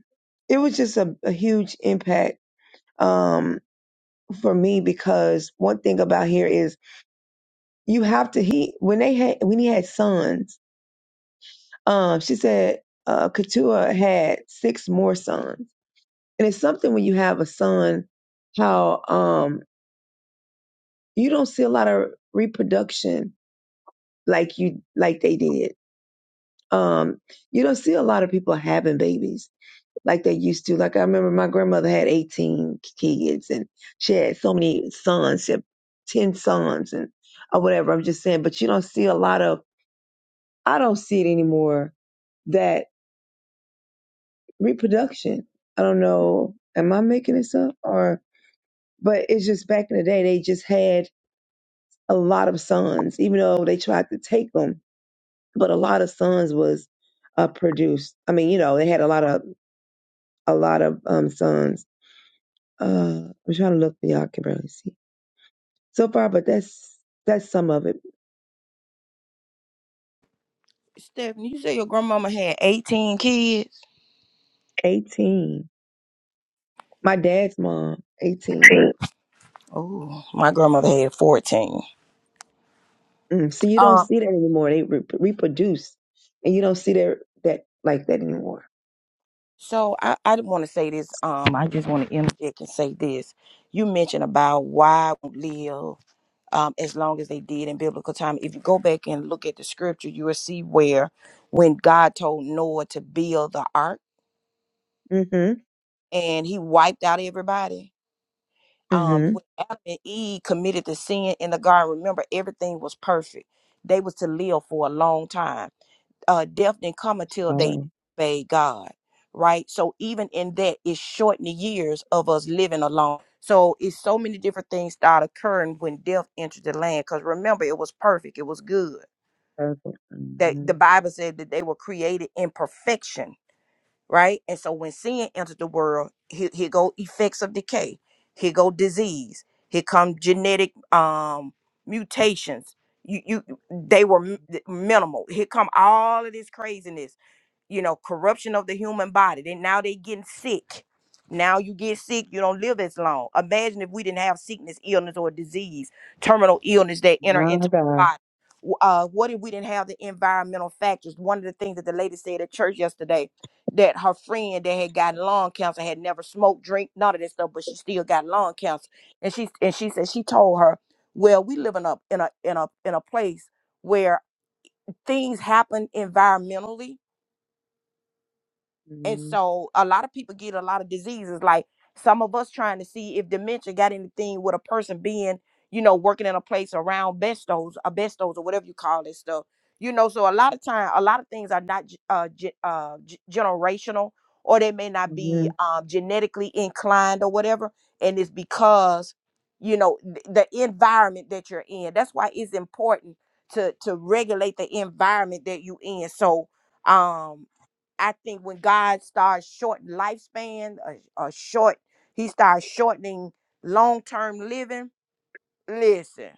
it was just a, a huge impact um for me because one thing about here is you have to he when they had when he had sons um she said uh Keturah had six more sons and it's something when you have a son how um. you don't see a lot of reproduction like you like they did. Um, you don't see a lot of people having babies like they used to. Like I remember my grandmother had eighteen kids and she had so many sons, she had ten sons and or whatever. I'm just saying, but you don't see a lot of I don't see it anymore that reproduction. I don't know, am I making this up or but it's just back in the day they just had a lot of sons, even though they tried to take them but a lot of sons was uh, produced. I mean, you know, they had a lot of a lot of um sons. Uh, I'm trying to look, but y'all can barely see so far. But that's that's some of it.
Stephanie, you say your grandmama had 18 kids?
18. My dad's mom, 18.
Oh, my grandmother had 14.
Mm. So you don't
Um,
see that anymore. They re- reproduce, and you don't see that that like that anymore.
So I, I want to say this. Um, I just want to interject and say this. You mentioned about why we live um, as long as they did in biblical time. If you go back and look at the scripture, you will see where when God told Noah to build the ark
Mm-hmm.
and he wiped out everybody. Um,
Mm-hmm.
when Adam and Eve committed the sin in the garden, remember everything was perfect. They was to live for a long time uh, death didn't come until
All
they
right.
obeyed God, right? So even in that, it shortened the years of us living alone. So it's so many different things start occurring when death entered the land. Because remember, it was perfect, it was good.
Perfect.
That
Mm-hmm.
the Bible said that they were created in perfection, right? And so when sin entered the world, here, here go effects of decay, here go disease, here come genetic um mutations. You, you they were m- minimal. Here come all of this craziness you know corruption of the human body then now they getting sick now you get sick you don't live as long imagine if we didn't have sickness illness or disease terminal illness that enter
My
into
God.
our body W- uh, what if we didn't have the environmental factors one of the things that the lady said at church yesterday that her friend that had gotten lung cancer had never smoked drink none of that stuff but she still got lung cancer and she and she said she told her well we living up in a in a in a place where things happen environmentally and
Mm-hmm.
so a lot of people get a lot of diseases. Like some of us trying to see if dementia got anything with a person being, you know, working in a place around bestos, asbestos, or whatever you call this stuff. You know, so a lot of time, a lot of things are not ge- uh, ge- uh, ge- generational, or they may not
Mm-hmm.
be um, genetically inclined or whatever. And it's because, you know, th- the environment that you're in. That's why it's important to to regulate the environment that you in. So, um, I think when God starts shorting lifespan, or, or short, He starts shortening long term living. Listen,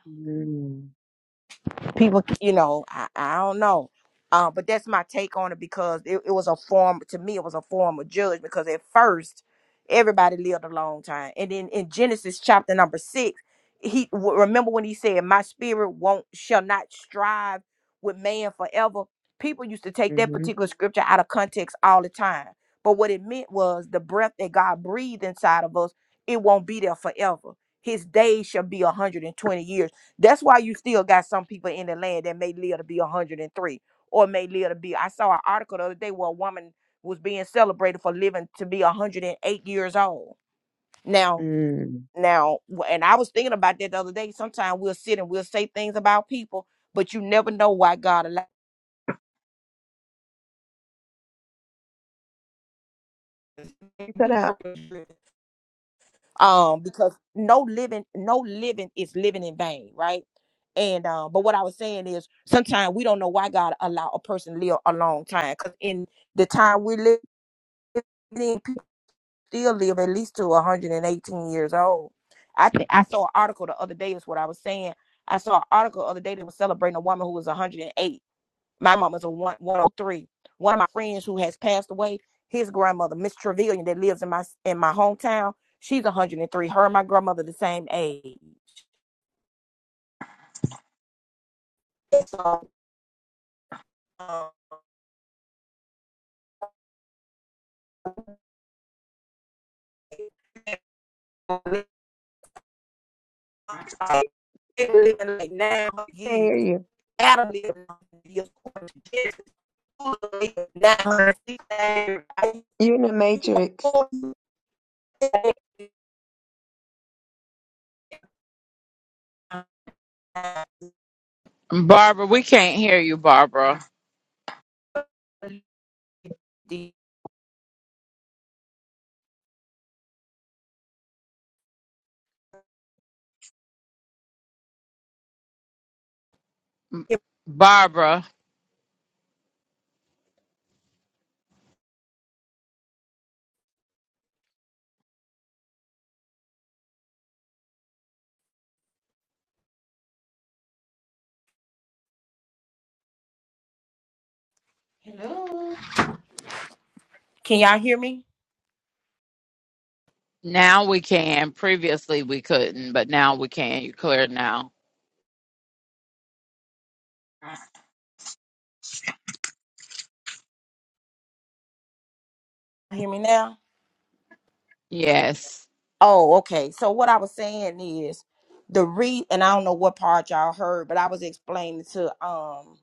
people you know i, I don't know uh, but that's my take on it because it, it was a form to me it was a form of judgment because at first everybody lived a long time and then in genesis chapter number six he w- remember when he said my spirit won't shall not strive with man forever people used to take that
Mm-hmm.
particular scripture out of context all the time but what it meant was the breath that god breathed inside of us it won't be there forever his days shall be 120 years that's why you still got some people in the land that may live to be 103 or may live to be. I saw an article the other day where a woman was being celebrated for living to be 108 years old. Now,
Mm-hmm.
now, w- and I was thinking about that the other day. Sometimes we'll sit and we'll say things about people, but you never know why God allowed.
You cut out.
um because no living no living is living in vain right and um but what i was saying is sometimes we don't know why god allow a person live a long time because in the time we live in people still live at least to 118 years old i think i saw an article the other day is what i was saying i saw an article the other day that was celebrating a woman who was 108 my mama's a one, 103. One of my friends who has passed away, his grandmother, Miss Trevilian, that lives in my in my hometown, she's 103. Her and my grandmother the same age. Um, they live in like 900
Can
years.
hear you?
Adam lived 900 900 years?
You're in the Matrix.
Barbara, we can't hear you, Barbara. M- Barbara,
Can y'all hear me?
now we can. Previously we couldn't, but now we can. You clear now.
Hear me now?
Yes.
Oh, okay. So what I was saying is the re and I don't know what part y'all heard, but I was explaining to um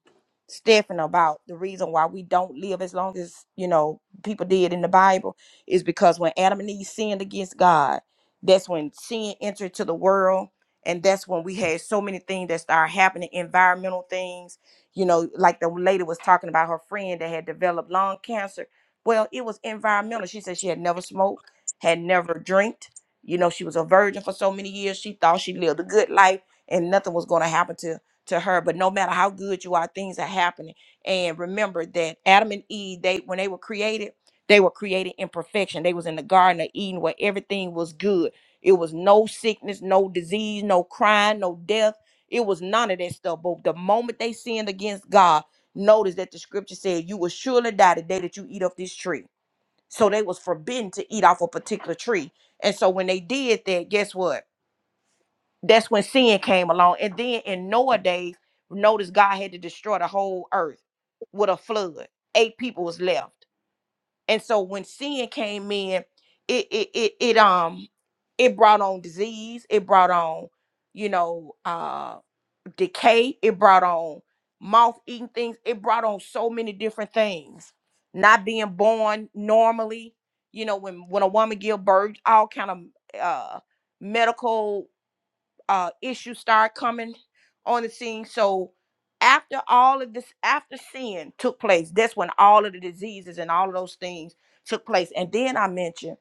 Stephen about the reason why we don't live as long as, you know, people did in the Bible is because when Adam and Eve sinned against God, that's when sin entered to the world. And that's when we had so many things that started happening, environmental things, you know, like the lady was talking about her friend that had developed lung cancer. Well, it was environmental. She said she had never smoked, had never drank you know, she was a virgin for so many years. She thought she lived a good life and nothing was going to happen to to her. But no matter how good you are, things are happening. And remember that Adam and Eve, they when they were created, they were created in perfection. They was in the Garden of Eden where everything was good. It was no sickness, no disease, no crime, no death. It was none of that stuff. But the moment they sinned against God, notice that the scripture said, "You will surely die the day that you eat of this tree." so they was forbidden to eat off a particular tree and so when they did that guess what that's when sin came along and then in noah days notice god had to destroy the whole earth with a flood eight people was left and so when sin came in it it it, it um it brought on disease it brought on you know uh decay, it brought on moth eating things, it brought on so many different things. Not being born normally, you know, when when a woman give birth, all kind of uh medical uh, issues start coming on the scene. So after all of this, after sin took place, that's when all of the diseases and all of those things took place. And then I mentioned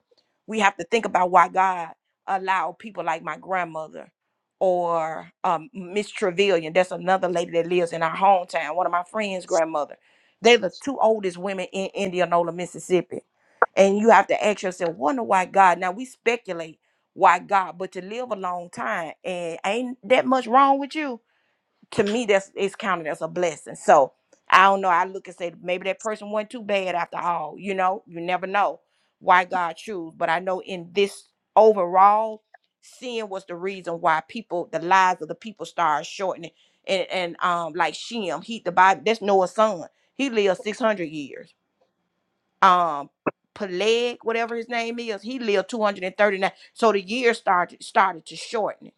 we have to think about why God allowed people like my grandmother or um, Miss Trevelyan. That's another lady that lives in our hometown. One of my friends' grandmother. They're the two oldest women in Indianola, Mississippi. And you have to ask yourself, wonder why God. Now we speculate why God, but to live a long time and ain't that much wrong with you. To me, that's it's counted as a blessing. So I don't know. I look and say maybe that person wasn't too bad after all. You know, you never know why God choose. But I know in this overall, sin was the reason why people, the lives of the people, started shortening. And and um, like Shem, he the Bible. That's Noah's son. He lived six hundred years um Peleg, whatever his name is, he lived 239. So the years started started to shorten.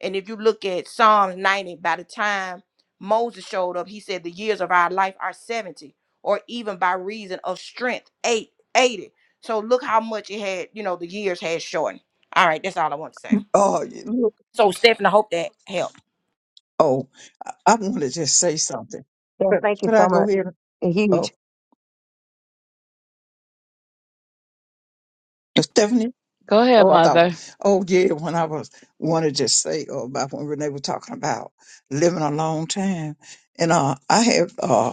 And if you look at Psalms 90, by the time Moses showed up, he said the years of our life are 70, or even by reason of strength, eight eighty. So look how much it had, you know, the years had shortened. All right, that's all I want to say.
Oh,
So Stephanie, I hope that helped.
Oh, I, I want to just say something.
Yes,
Could,
thank you
could I
so
go
much.
ahead?
Huge.
Oh, Stephanie?
Go ahead,
Oh, I thought,
mother.
oh, yeah, when I was, want to just say oh, about when Renee was talking about living a long time. And uh, I have, uh,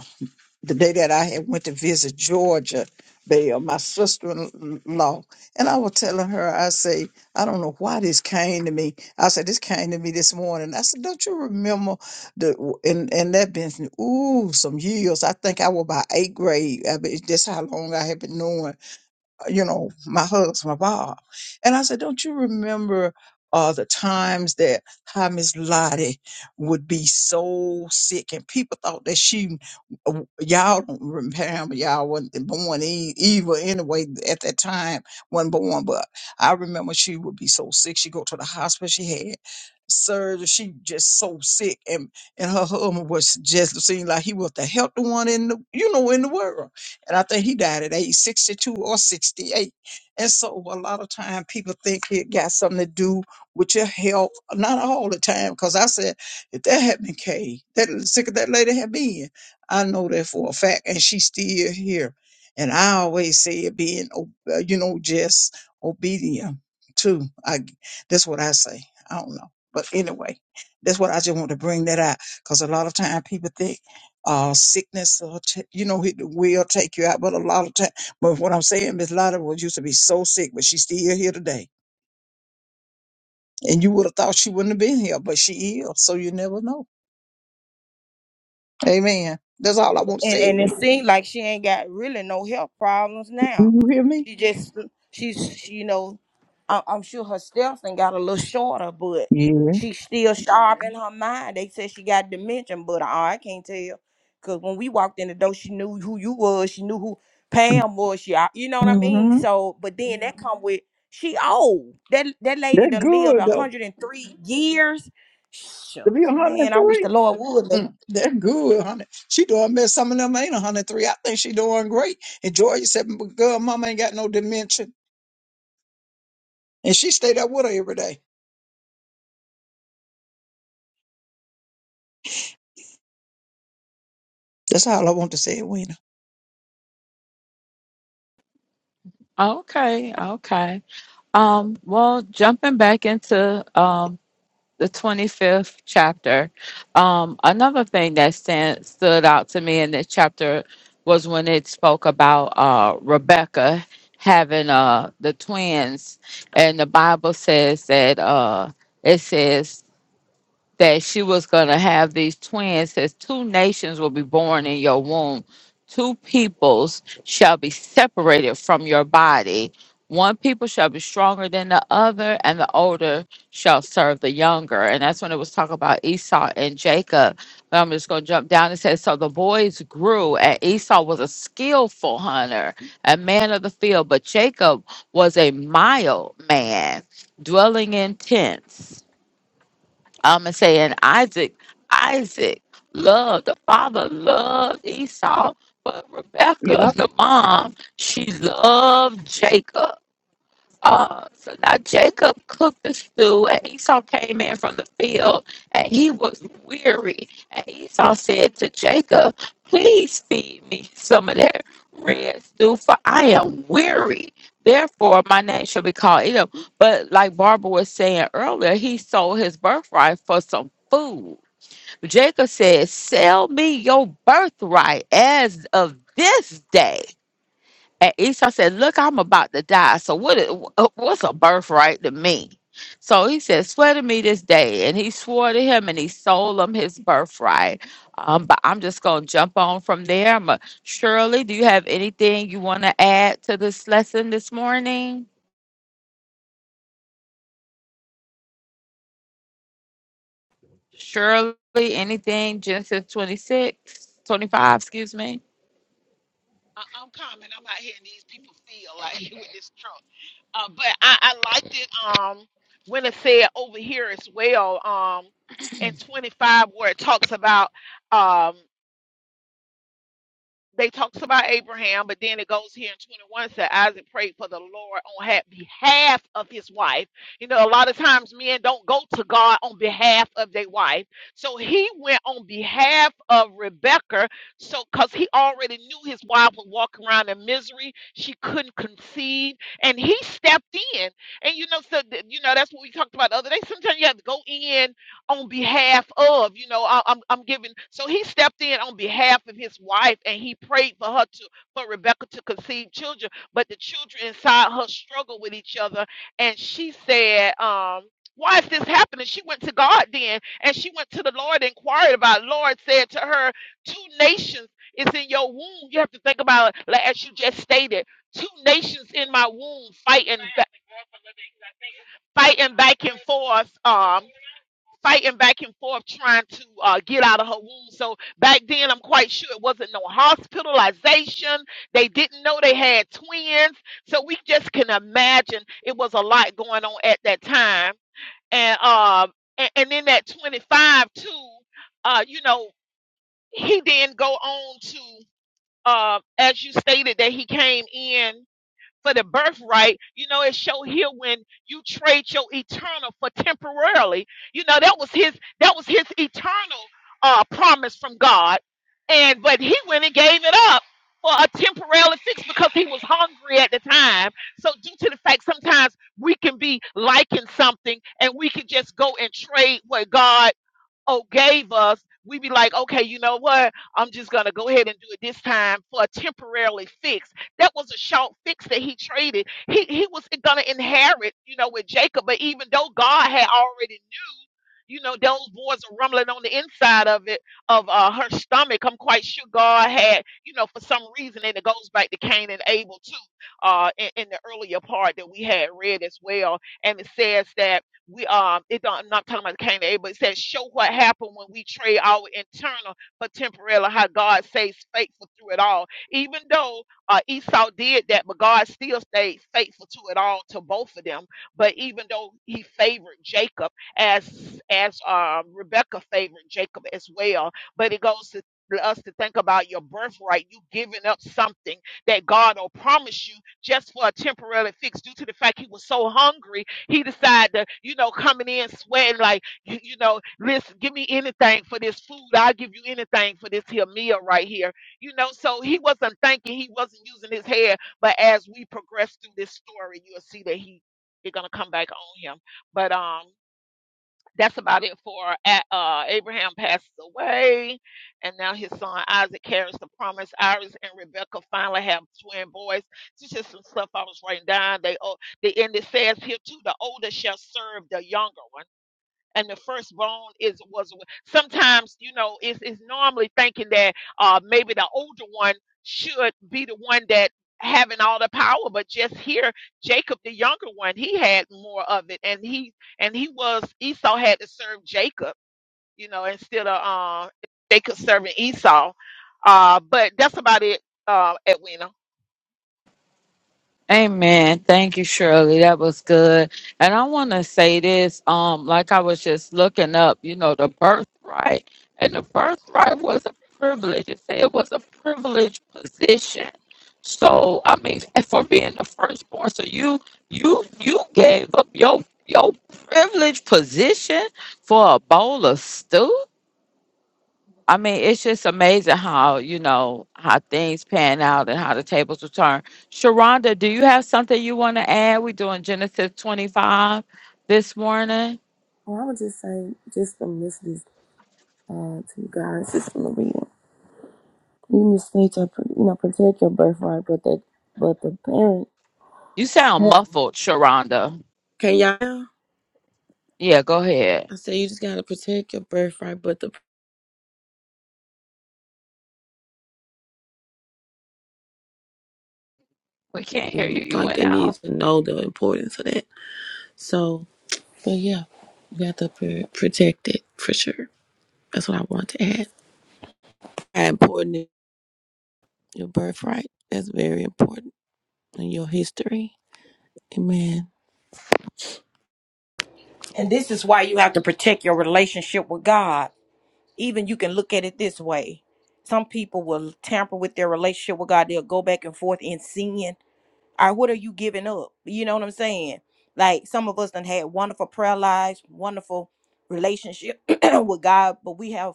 the day that I had went to visit Georgia Belle, my sister-in-law, and I was telling her, I say, I don't know why this came to me. I said, this came to me this morning. I said, don't you remember the and and that been ooh some years. I think I was about eighth grade. I mean, that's how long I had been knowing you know, my hugs, my Bob. And I said, don't you remember uh, the times that how Miss Lottie would be so sick and people thought that she, uh, y'all don't remember, y'all wasn't born e- evil anyway at that time, wasn't born, but I remember she would be so sick. She go to the hospital. She had surgery. She just so sick and, and her husband was just seemed like he was the healthy one in the, you know, in the world. And I think he died at age 62 or 68. And so a lot of time people think it got something to do with your health. Not all the time, because I said, if that had been Kay, that sick of that lady had been, I know that for a fact. And she's still here. And I always say it being, o- uh, you know, just obedient too. I, that's what I say. I don't know. But anyway, that's what I just want to bring that out. Because a lot of time people think uh, sickness, will t- you know, it will take you out. But a lot of time, but what I'm saying, Miss Lotta was used to be so sick, but she's still here today. And you would have thought she wouldn't have been here, but she is. So you never know. Amen. That's all I want to
and
say.
and it
Wait,
seems like she ain't got really no health problems
Do
now.
you hear me?
She just she's she, you know, I, I'm sure her steps and got a little shorter, but
Yeah.
she's still sharp in her mind. They said she got dementia, but I, I can't tell because when we walked in the door, she knew who you was. She knew who Pam was. She, uh, you know what I mean.
Mm-hmm.
So, but then that come with she old. That that lady
That's
done lived
good though.
103 years.
To be
Shucks, man, I wish
103.
the Lord would.
Mm, that's good, honey. She doing better. Some of them ain't 103. I think she doing great. And Georgia said, "But "Girl, Mama ain't got no dementia," and she stayed up with her every day. That's all I want to say, Wina.
Okay, okay. Um, well, jumping back into um, the 25th chapter. Um, another thing that stand, stood out to me in this chapter was when it spoke about uh, Rebecca having uh, the twins. And the Bible says that uh, it says that she was going to have these twins says two nations will be born in your womb two peoples shall be separated from your body one people shall be stronger than the other and the older shall serve the younger and that's when it was talking about esau and jacob but i'm just going to jump down and say so the boys grew and esau was a skillful hunter a man of the field but jacob was a mild man dwelling in tents I'm gonna say, and Isaac, Isaac loved the father loved Esau, but
Yeah.
Rebecca, the mom, she loved Jacob. Uh, so now Jacob cooked the stew, and Esau came in from the field, and he was weary. And Esau said to Jacob, Please feed me some of that red stew, for I am weary. Therefore, my name shall be called Edom. But like Barbara was saying earlier, he sold his birthright for some food. Jacob said, Sell me your birthright as of this day. And Esau said, Look, I'm about to die. So what? Is- wh- uh, what's a birthright to me? So he said, Swear to me this day. And he swore to him and he sold him his birthright. Um, but I'm just going to jump on from there. I'm a, Shirley, do you have anything you want to add to this lesson this morning? Shirley, anything? Genesis 26, 25. excuse me.
I, I'm coming. I'm out here, and these people feel like with this truck. Uh, but I, I liked it. Um, when it said over here as well. Um, in 25 where it talks about. um they talks about Abraham, but then it goes here in 21 said Isaac prayed for the Lord on ha- behalf of his wife. You know, a lot of times men don't go to God on behalf of their wife. So he went on behalf of Rebecca, so because he already knew his wife was walking around in misery, she couldn't conceive, and he stepped in. And you know, so th- you know that's what we talked about the other day. Sometimes you have to go in on behalf of you know I, am I'm I'm giving so he stepped in on behalf of his wife and he prayed for her to for rebecca to conceive children but the children inside her struggled with each other and she said um why is this happening she went to god then and she went to the lord and inquired about it. lord said to her two nations is in your womb you have to think about it like as you just stated two nations in my womb fighting ba- fighting back and forth. Um, fighting back and forth trying to uh, get out of her womb. So back then, I'm quite sure it wasn't no hospitalization. They didn't know they had twins. So we just can imagine it was a lot going on at that time. And uh, and, and then at 25 too, uh, you know, he then go on to uh, as you stated that he came in for the birthright. You know, it show here when you trade your eternal for temporarily. You know, that was his that was his eternal uh promise from God. And but he went and gave it up for a temporary fix because he was hungry at the time. So due to the fact sometimes we can be liking something and we can just go and trade what God oh gave us we be like okay you know what i'm just gonna go ahead and do it this time for a temporarily fix that was a short fix that he traded he he was gonna inherit you know with jacob but even though god had already you know, those boys are rumbling on the inside of it, of uh, her stomach. I'm quite sure God had, you know, for some reason, and it goes back to Cain and Abel too, uh, in, in the earlier part that we had read as well. And it says that we, um, it don't, I'm not talking about Cain and Abel. It says, show what happened when we trade our internal for temporal, how God stays faithful through it all. Even though uh, Esau did that, but God still stayed faithful to it all, to both of them. But even though he favored Jacob, as as um, Rebecca favored Jacob as well. But it goes to us to think about your birthright, you giving up something that God will promise you just for a temporary fix due to the fact he was so hungry, he decided to, you know, coming in sweating like, you, you know, listen, give me anything for this food. I'll give you anything for this here meal right here. You know, so he wasn't thinking, he wasn't using his head. But as we progress through this story, you'll see that he, it's going to come back on him. But, um, that's about it for A- uh, Abraham passes away, and now his son Isaac carries the promise. Iris and Rebecca finally have twin boys. This is just some stuff I was writing down. They oh, the end it says here too: the older shall serve the younger one and the firstborn is was sometimes you know it's, it's normally thinking that uh maybe the older one should be the one that having all the power but just here jacob the younger one he had more of it and he and he was esau had to serve jacob you know instead of uh jacob serving esau uh but that's about it uh edwina
Amen. Thank you, Shirley. That was good. And I want to say this. Um, like I was just looking up, you know, the birthright, and the birthright was a privilege. It said it was a privileged position. So I mean, and for being the firstborn, so you you you gave up your your privileged position for a bowl of stew. I mean, it's just amazing how, you know, how things pan out and how the tables will turn. Sharonda, do you have something you want to add? We're doing Genesis 25 this morning.
Well, I would just say, just from listening uh, to you guys, just from the reading, you just need to, you know, protect your birthright, but the, but the parent.
You sound muffled, Sharonda.
Can y'all?
Yeah, go ahead.
I say you just gotta protect your birthright, but the
We can't hear you. You
like
went
they
out.
need to know the importance of that. So, but yeah, you have to pr- protect it for sure. That's what I want to add. How important is your birthright? That's very important in your history. Amen.
And this is why you have to protect your relationship with God. Even you can look at it this way. Some people will tamper with their relationship with God. They'll go back and forth in sin. All right, what are you giving up? You know what I'm saying? Like some of us done had wonderful prayer lives, wonderful relationship with God, but we have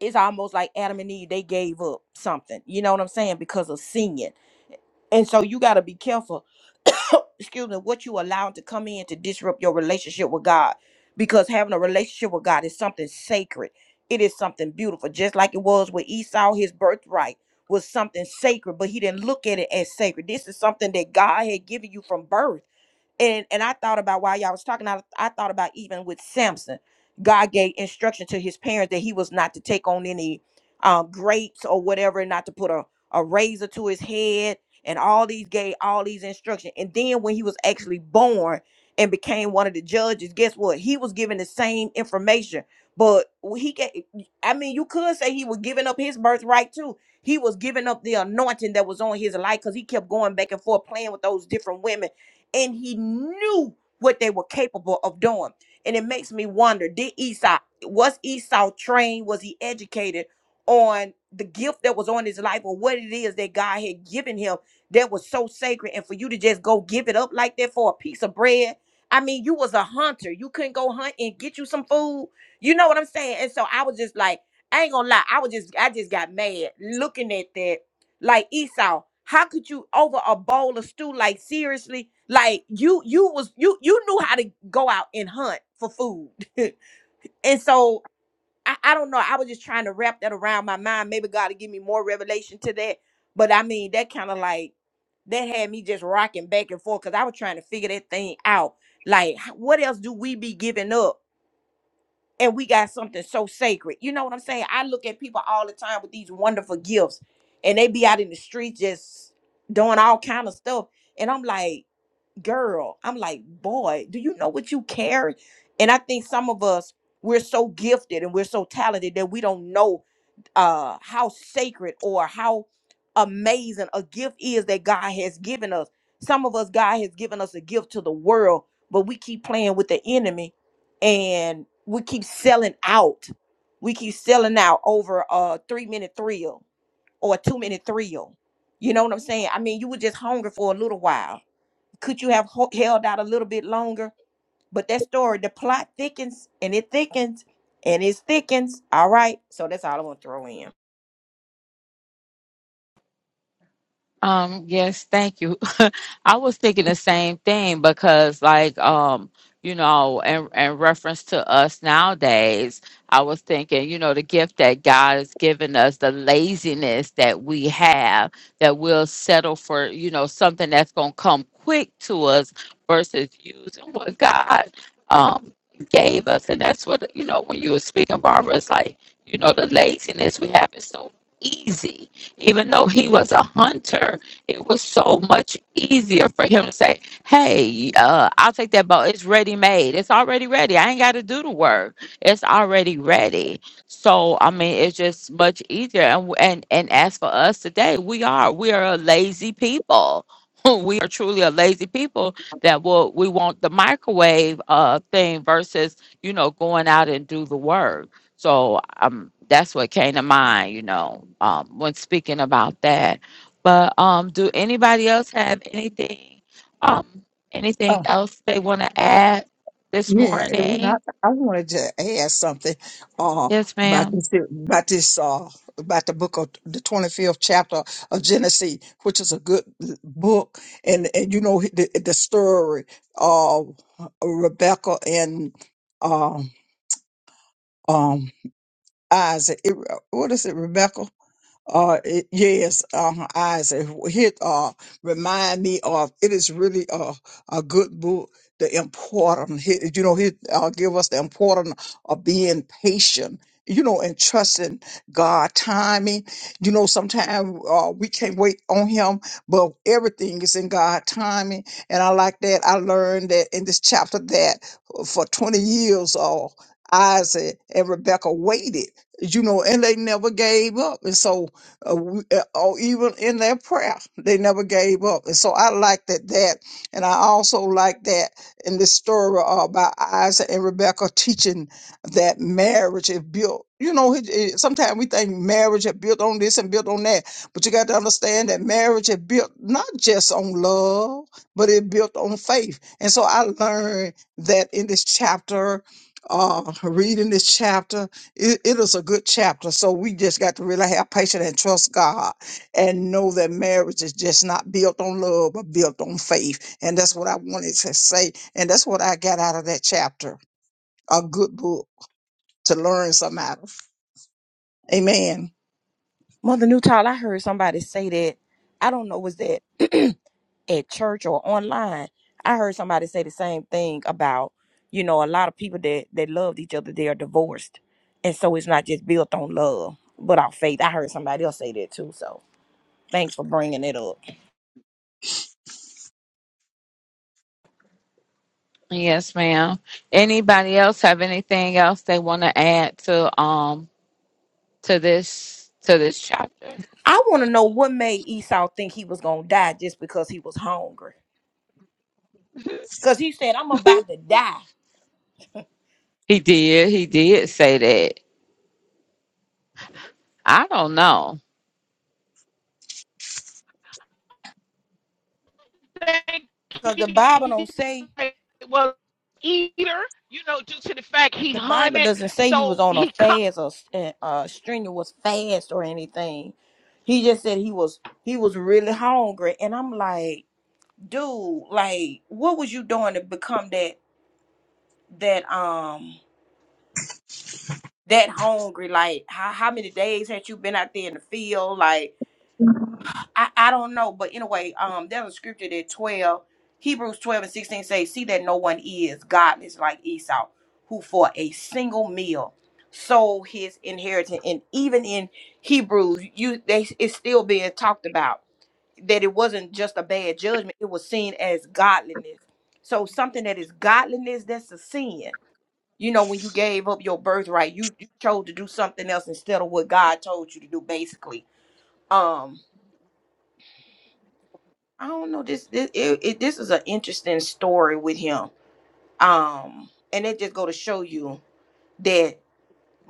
it's almost like Adam and Eve, they gave up something. You know what I'm saying? Because of sin. And so you got to be careful, excuse me, what you allow to come in to disrupt your relationship with God. Because having a relationship with God is something sacred, it is something beautiful. Just like it was with Esau, his birthright was something sacred, but he didn't look at it as sacred. This is something that God had given you from birth and and I thought about while y'all was talking, I, I thought about even with Samson, God gave instruction to his parents that he was not to take on any um, grapes or whatever, not to put a, a razor to his head, and all these gave all these instructions. And then when he was actually born and became one of the judges, guess what? He was given the same information, but he gave. I mean, you could say he was giving up his birthright too. He was giving up the anointing that was on his life because he kept going back and forth playing with those different women and he knew what they were capable of doing. And it makes me wonder: Did Esau was Esau trained? Was he educated on the gift that was on his life, or what it is that God had given him that was so sacred? And for you to just go give it up like that for a piece of bread. I mean, you was a hunter. You couldn't go hunt and get you some food. You know what I'm saying? And so I was just like, I ain't gonna lie. I was just, I just got mad looking at that like Esau. How could you over a bowl of stew? Like seriously, like you you was you you knew how to go out and hunt for food, and so I, I don't know. I was just trying to wrap that around my mind. Maybe God will give me more revelation to that. But I mean, that kind of like that had me just rocking back and forth because I was trying to figure that thing out. Like, h- what else do we be giving up? and we got something so sacred. You know what I'm saying? I look at people all the time with these wonderful gifts, and they be out in the street just doing all kind of stuff, and I'm like, girl, I'm like, boy, do you know what you carry? And I think some of us we're so gifted and we're so talented that we don't know uh how sacred or how amazing a gift is that God has given us. Some of us God has given us a gift to the world, but we keep playing with the enemy and we keep selling out. We keep selling out over a 3-minute thrill or a 2-minute thrill. You know what I'm saying? I mean, you were just hungry for a little while. Could you have ho- held out a little bit longer? But that story, the plot thickens and it thickens and it thickens. All right. So that's all I want to throw in.
Um, yes, thank you. I was thinking the same thing because like um, you know, in in reference to us nowadays, I was thinking, you know, the gift that God has given us, the laziness that we have, that we'll settle for, you know, something that's gonna come quick to us versus using what God um gave us. And that's what you know, when you were speaking, Barbara, it's like, you know, the laziness we have is so easy even though he was a hunter, it was so much easier for him to say, Hey, uh, I'll take that boat. It's ready made. It's already ready. I ain't got to do the work. It's already ready. So, I mean, it's just much easier. And, and, and as for us today, we are, we are a lazy people. We are truly a lazy people
Huh.
that will we want the microwave uh thing versus you know going out and do the work. So um, that's what came to mind, you know, um, when speaking about that. But um, do anybody else have anything, um, anything
Oh,
else they want to add this
yeah. And when I,
morning?
I wanted to add something uh,
Yes,
about
ma'am.
this, about this, uh, about the book of the 25th chapter of Genesis, which is a good book. And, and you know, the, the story of Rebecca and, um, um, Isaac. It, what is it, Rebecca? Uh, it, yes, uh, Isaac. Hit uh, remind me of it is really a a good book. The important, hit, you know, hit uh, give us the importance of being patient. You know, and trusting God timing. You know, sometimes uh, we can't wait on Him, but everything is in God timing. And I like that. I learned that in this chapter that for 20 years, uh, Isaac and Rebecca waited you know, and they never gave up. And so uh, w- uh, or even in their prayer. They never gave up. And so I like that, that. And I also like that in this story uh, about Isaac and Rebecca teaching that marriage is built. You know, it, it, sometimes we think marriage is built on this and built on that, but you got to understand that marriage is built not just on love, but it built on faith. And so I learned that in this chapter, uh, reading this chapter, it, it is a good chapter. So we just got to really have patience and trust God and know that marriage is just not built on love, but built on faith. And that's what I wanted to say. And that's what I got out of that chapter. A good book to learn something out of. Amen.
Mother Newtall, I heard somebody say that. I don't know, was that at church or online? I heard somebody say the same thing about, you know, a lot of people that that loved each other, they are divorced. And so it's not just built on love, but on faith. I heard somebody else say that too. So thanks for bringing it up.
Yes, ma'am. Anybody else have anything else they want to add to um to this to this chapter?
I want to know what made Esau think he was going to die just because he was hungry. Because he said, I'm about to die.
He did. He did say that. I don't know.
thank
Because the Bible
you
don't say.
was eater you know due to the fact he
the Bible
hunted
doesn't say he was
so
on a
he
fast or a uh, uh, strenuous fast or anything. He just said he was he was really hungry, and I'm like, dude, like, what was you doing to become that that um that hungry? Like, how how many days had you been out there in the field? Like, I, I don't know, but anyway, um, there's a scripture that twelve Hebrews twelve and sixteen say, "See that no one is godless like Esau, who for a single meal sold his inheritance." And even in Hebrews, you they it's still being talked about that it wasn't just a bad judgment; it was seen as godliness. So something that is godliness, that's a sin. You know, when you gave up your birthright, you, you chose to do something else instead of what God told you to do, basically. Um, I don't know. This this it, it, this is an interesting story with him. Um, and it just go to show you that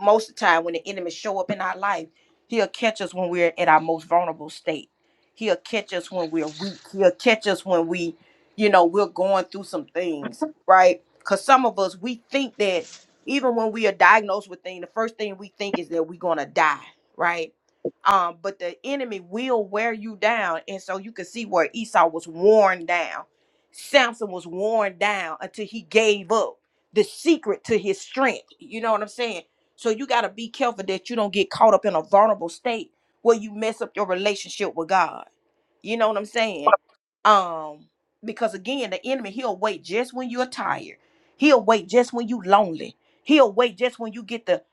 most of the time when the enemy show up in our life, he'll catch us when we're at our most vulnerable state. He'll catch us when we're weak. He'll catch us when we, you know, we're going through some things, right? Because some of us we think that even when we are diagnosed with things, the first thing we think is that we're gonna die, right? Um, but the enemy will wear you down, and so you can see where Esau was worn down. Samson was worn down until he gave up the secret to his strength. You know what I'm saying? So you got to be careful that you don't get caught up in a vulnerable state where you mess up your relationship with God. You know what I'm saying? Um, because again, the enemy he'll wait just when you're tired. He'll wait just when you lonely. He'll wait just when you get the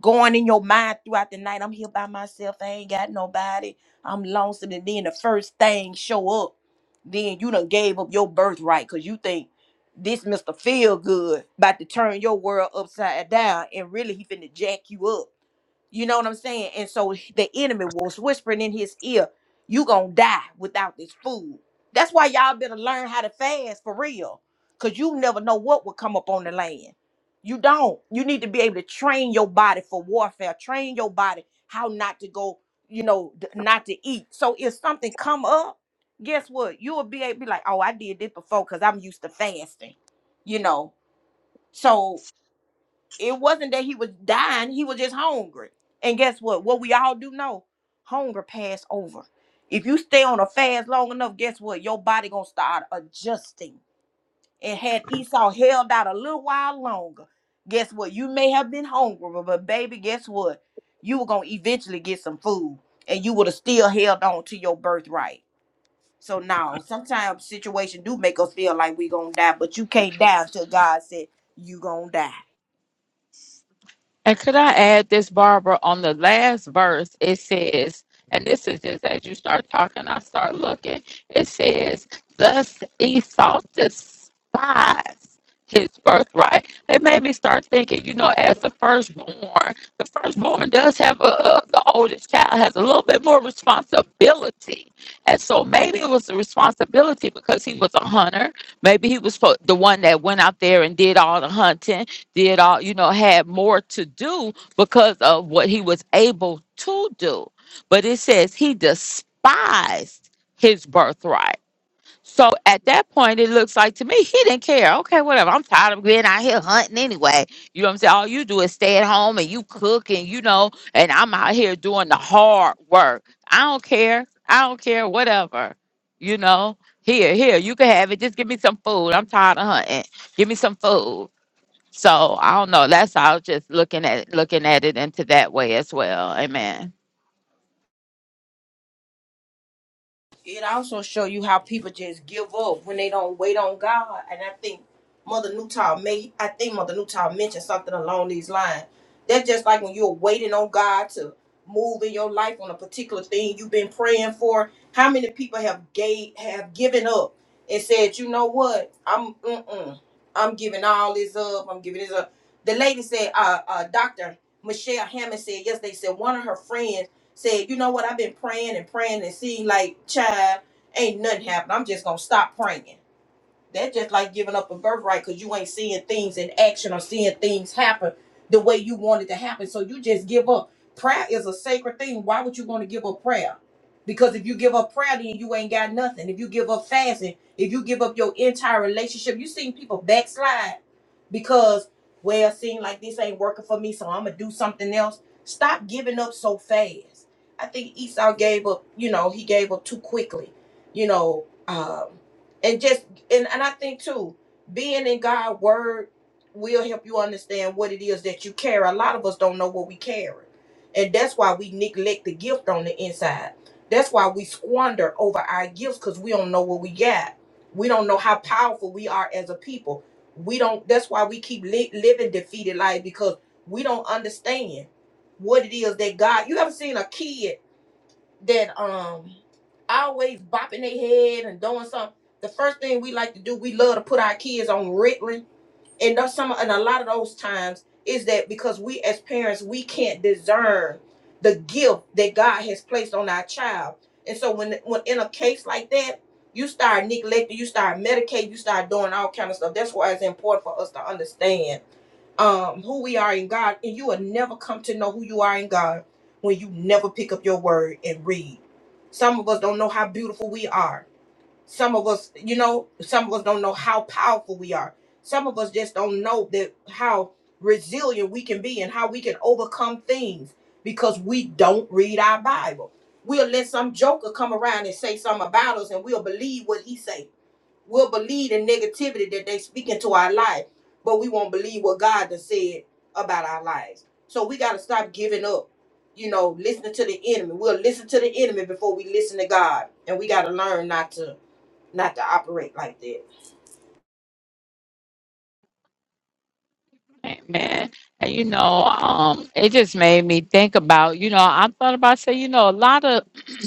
going in your mind throughout the night. I'm here by myself. I ain't got nobody. I'm lonesome. And then the first thing show up. Then you done gave up your birthright because you think this Mr. Feel Good about to turn your world upside down and really he finna jack you up. You know what I'm saying? And so the enemy was whispering in his ear you gonna die without this food. That's why y'all better learn how to fast for real. Cause you never know what will come up on the land. You don't. You need to be able to train your body for warfare, train your body how not to go, you know, d- not to eat. So if something come up, guess what? You will be able to be like, oh, I did this before because I'm used to fasting, you know. So it wasn't that he was dying, he was just hungry. And guess what? What we all do know, hunger pass over. If you stay on a fast long enough, guess what? Your body gonna start adjusting. And had Esau held out a little while longer, guess what? You may have been hungry, but baby, guess what? You were gonna eventually get some food and you would have still held on to your birthright. So now sometimes situations do make us feel like we gonna die, but you can't die until God said you gonna die.
And could I add this, Barbara? On the last verse, it says, and this is just as you start talking, I start looking. It says, Thus Esau despised his birthright. It made me start thinking, you know, as the firstborn, the firstborn does have a, a- the oldest child has a little bit more responsibility. And so maybe it was the responsibility because he was a hunter. Maybe he was fo- the one that went out there and did all the hunting did all you know had more to do because of what he was able to do but it says he despised his birthright so at that point it looks like to me he didn't care okay whatever i'm tired of being out here hunting anyway you know what i'm saying all you do is stay at home and you cook and you know and i'm out here doing the hard work i don't care i don't care whatever you know here here you can have it just give me some food i'm tired of hunting give me some food so I don't know. That's I was just looking at looking at it into that way as well. Amen.
It also show you how people just give up when they don't wait on God. And I think Mother Newtown made I think Mother Newtown mentioned something along these lines. That's just like when you're waiting on God to move in your life on a particular thing you've been praying for. How many people have gave have given up and said, you know what, I'm mm-mm, I'm giving all this up. I'm giving this up. The lady said, uh, uh, Doctor Michelle Hammond said yesterday said one of her friends said, you know what, I've been praying and praying and seeing like, child, ain't nothing happening. I'm just gonna stop praying. That's just like giving up a birthright because you ain't seeing things in action or seeing things happen the way you want it to happen. So you just give up. Prayer is a sacred thing. Why would you want to give up prayer? Because if you give up prayer, then you ain't got nothing. If you give up fasting, if you give up your entire relationship, you seen people backslide because, well, seem like this ain't working for me, so I'm gonna do something else. Stop giving up so fast. I think Esau gave up, you know, he gave up too quickly, you know. Um, and just and and I think too, being in God's word will help you understand what it is that you carry. A lot of us don't know what we carry, and that's why we neglect the gift on the inside. That's why we squander over our gifts because we don't know what we got. We don't know how powerful we are as a people. We don't. That's why we keep li- living defeated life because we don't understand what it is that God. You ever seen a kid? that um always bopping their head and doing something. The first thing we like to do, we love to put our kids on Ritalin and those, some and a lot of those times is that because we as parents we can't discern the gift that God has placed on our child, and so when when in a case like that, you start neglecting, you start medicating, you start doing all kind of stuff. That's why it's important for us to understand um who we are in God, and you will never come to know who you are in God when you never pick up your word and read. Some of us don't know how beautiful we are some of us, you know, some of us don't know how powerful we are. Some of us just don't know that how resilient we can be and how we can overcome things because we don't read our Bible. We'll let some joker come around and say something about us and we'll believe what he say. We'll believe the negativity that they speak into our life, but we won't believe what God has said about our lives. So we got to stop giving up you know, listening to the enemy. We'll listen to the enemy before we listen to God. And we got to learn not to not to operate like that.
Amen. And you know, um, it just made me think about, you know, I thought about say, you know, a lot of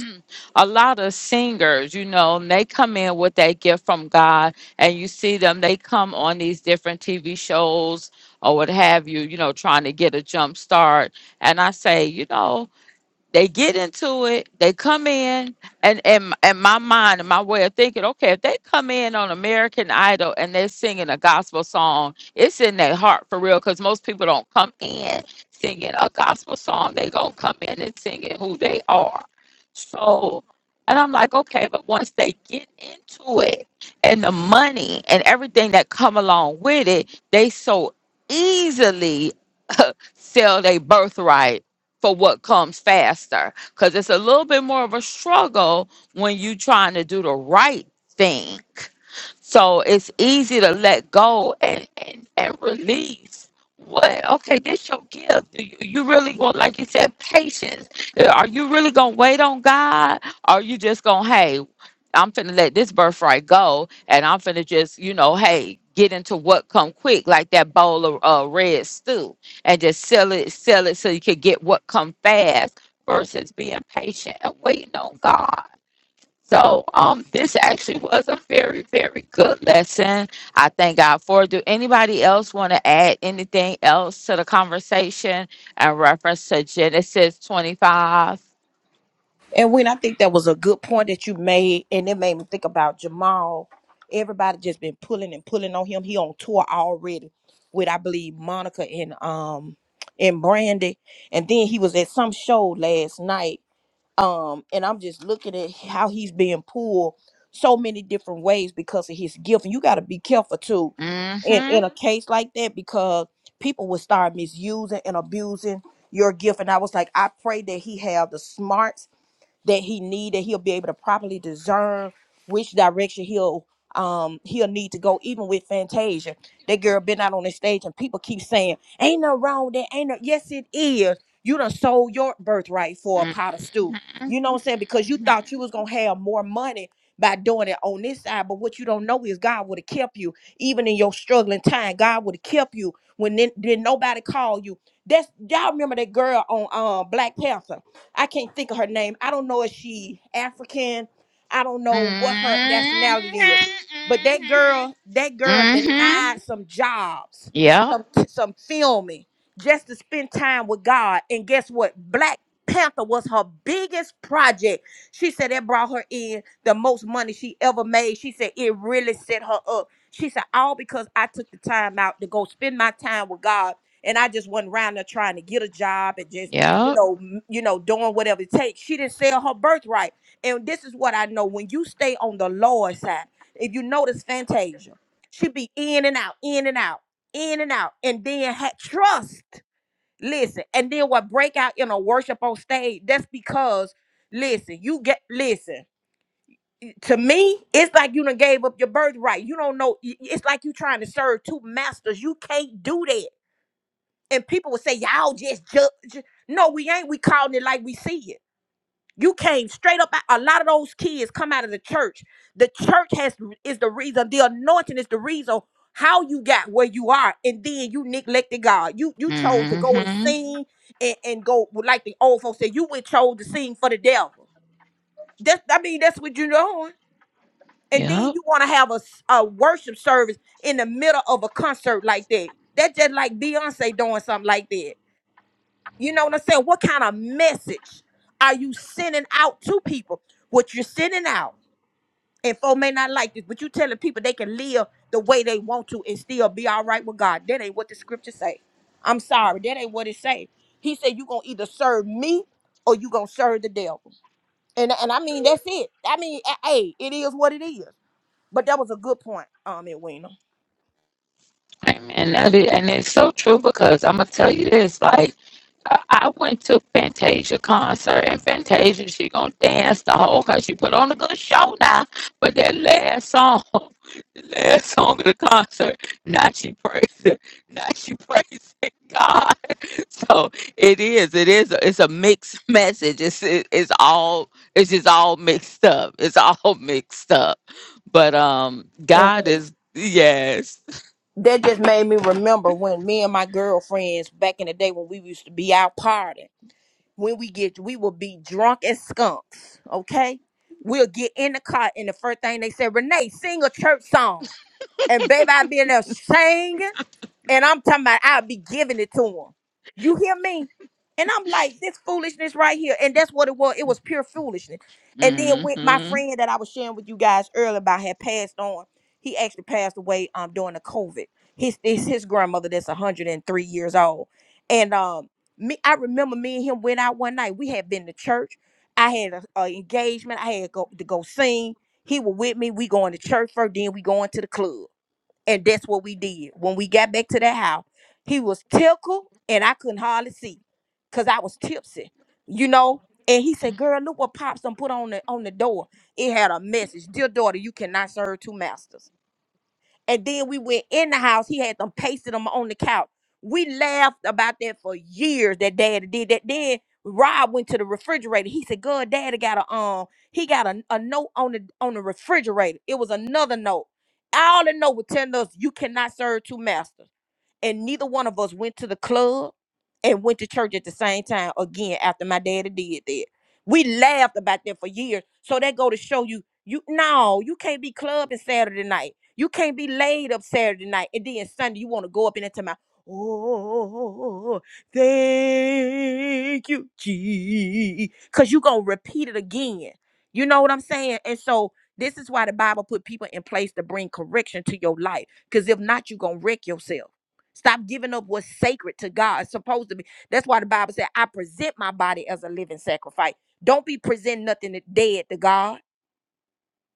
a lot of singers, you know, and they come in with that gift from God and you see them, they come on these different TV shows or what have you, you know, trying to get a jump start. And I say, you know, they get into it they come in and and and my mind and my way of thinking okay if they come in on american idol and they're singing a gospel song it's in their heart for real because most people don't come in singing a gospel song they gonna come in and singing who they are so and i'm like okay but once they get into it and the money and everything that come along with it they so easily sell their birthright for what comes faster because it's a little bit more of a struggle when you trying to do the right thing. So it's easy to let go and, and, and release. What? Okay, this your gift. Do You, you really going, like you said, patience. Yeah, Are you really going to wait on God? Or you just going, to hey, I'm finna let this birthright go and I'm finna just, you know, hey, get into what come quick, like that bowl of uh, red stew and just sell it, sell it so you could get what come fast versus being patient and waiting on God. So um this actually was a very, very good lesson. I thank God for it. Do anybody else want to add anything else to the conversation in reference to Genesis 25?
And when I think that was a good point that you made, and it made me think about Jamal. Everybody just been pulling and pulling on him. He on tour already with I believe Monica and um and Brandy. And then he was at some show last night um and i'm just looking at how he's being pulled so many different ways because of his gift and you got to be careful too in
Mm-hmm.
in a case like that because people will start misusing and abusing your gift and i was like i pray that he have the smarts that he need that he'll be able to properly discern which direction he'll um he'll need to go even with fantasia that girl been out on the stage and people keep saying ain't no wrong with that ain't no yes it is you done sold your birthright for a pot of stew
Mm-hmm. Mm-hmm.
you know what i'm saying because you thought you was gonna have more money by doing it on this side but what you don't know is god would have kept you even in your struggling time god would have kept you when then, then nobody called you that's y'all remember that girl on um black panther I can't think of her name. I don't know if she African. I don't know what her
Mm-hmm.
nationality is. But that girl, that
Mm-hmm.
girl
Mm-hmm.
denied some jobs,
Yep.
some some filming, just to spend time with God. And guess what? Black Panther was her biggest project. She said that brought her in the most money she ever made. She said it really set her up. She said, all because I took the time out to go spend my time with God. And I just wasn't around there trying to get a job and just you
Yep.
know, m- you know, doing whatever it takes. She didn't sell her birthright. And this is what I know. When you stay on the Lord's side, if you notice Fantasia, she be in and out, in and out, in and out. And then had trust. Listen. And then what break out in a worship on stage, that's because listen, you get listen. To me, it's like you done gave up your birthright. You don't know. i- It's like you trying to serve two masters. You can't do that. And people would say, Y'all just judge. No, we ain't. We calling it like we see it. You came straight up. out- A lot of those kids come out of the church. The church has is the reason. The anointing is the reason how you got where you are, and then you neglected God. You you chose to go and
Mm-hmm.
sing and, and go like the old folks said. You went chose to sing for the devil. That's I mean that's what you're doing. And
Yep.
then you want to have a, s- a worship service in the middle of a concert like that. That's just like Beyonce doing something like that. You know what I'm saying? What kind of message are you sending out to people? What you're sending out, and folk may not like this, but you telling people they can live the way they want to and still be all right with God. That ain't what the scripture say. I'm sorry, that ain't what it say. He said you gonna either serve me or you gonna serve the devil. And and I mean that's it. I mean, a- hey, it is what it is. But that was a good point, um, Edwina.
And that is, and it's so true because I'm gonna tell you this. Like I, I went to Fantasia concert, and Fantasia she gonna dance the whole cause she put on a good show now. But that last song, the last song of the concert, now she praising, now she praising God. So it is, it is, a, it's a mixed message. It's it, it's all it's just all mixed up. It's all mixed up. But um,
And
God
when-
is yes.
that just made me remember when me and my girlfriends back in the day when we used to be out partying. when we get we will be drunk as skunks okay we'll get in the car and the first thing they say, renee sing a church song and baby i be in there singing and I'm talking about I'll be giving it to him. You hear me? And I'm like, this foolishness right here. And that's what it was. It was pure foolishness. And then with my
hmm
friend that I was sharing with you guys earlier about had passed on, he actually passed away um during the COVID. His his, his grandmother that's 103 years old. And um me, I remember me and him went out one night. We had been to church. I had a, a engagement. I had go, to go sing. He was with me. We going to church first, then we going to the club. And that's what we did. When we got back to that house, he was tickled and I couldn't hardly see because I was tipsy, you know. And he said, Girl, look what Pops done put on the on the door. It had a message. Dear daughter, you cannot serve two masters. And then we went in the house. He had them pasted them on the couch. We laughed about that for years. That daddy did that. Then Rob went to the refrigerator. He said, "God, daddy got a um, he got a, a note on the on the refrigerator. It was another note. All the note was telling us you cannot serve two masters and neither one of us went to the club and went to church at the same time again after my daddy did that. We laughed about that for years. So that go to show you, you no, you can't be clubbing Saturday night. You can't be laid up Saturday night, and then Sunday you want to go up in into my Oh, thank you, G, because you gonna repeat it again. You know what I'm saying? And so this is why the Bible put people in place to bring correction to your life. Because if not, you gonna wreck yourself. Stop giving up what's sacred to God. It's supposed to be. That's why the Bible said, I present my body as a living sacrifice. Don't be presenting nothing that dead to God.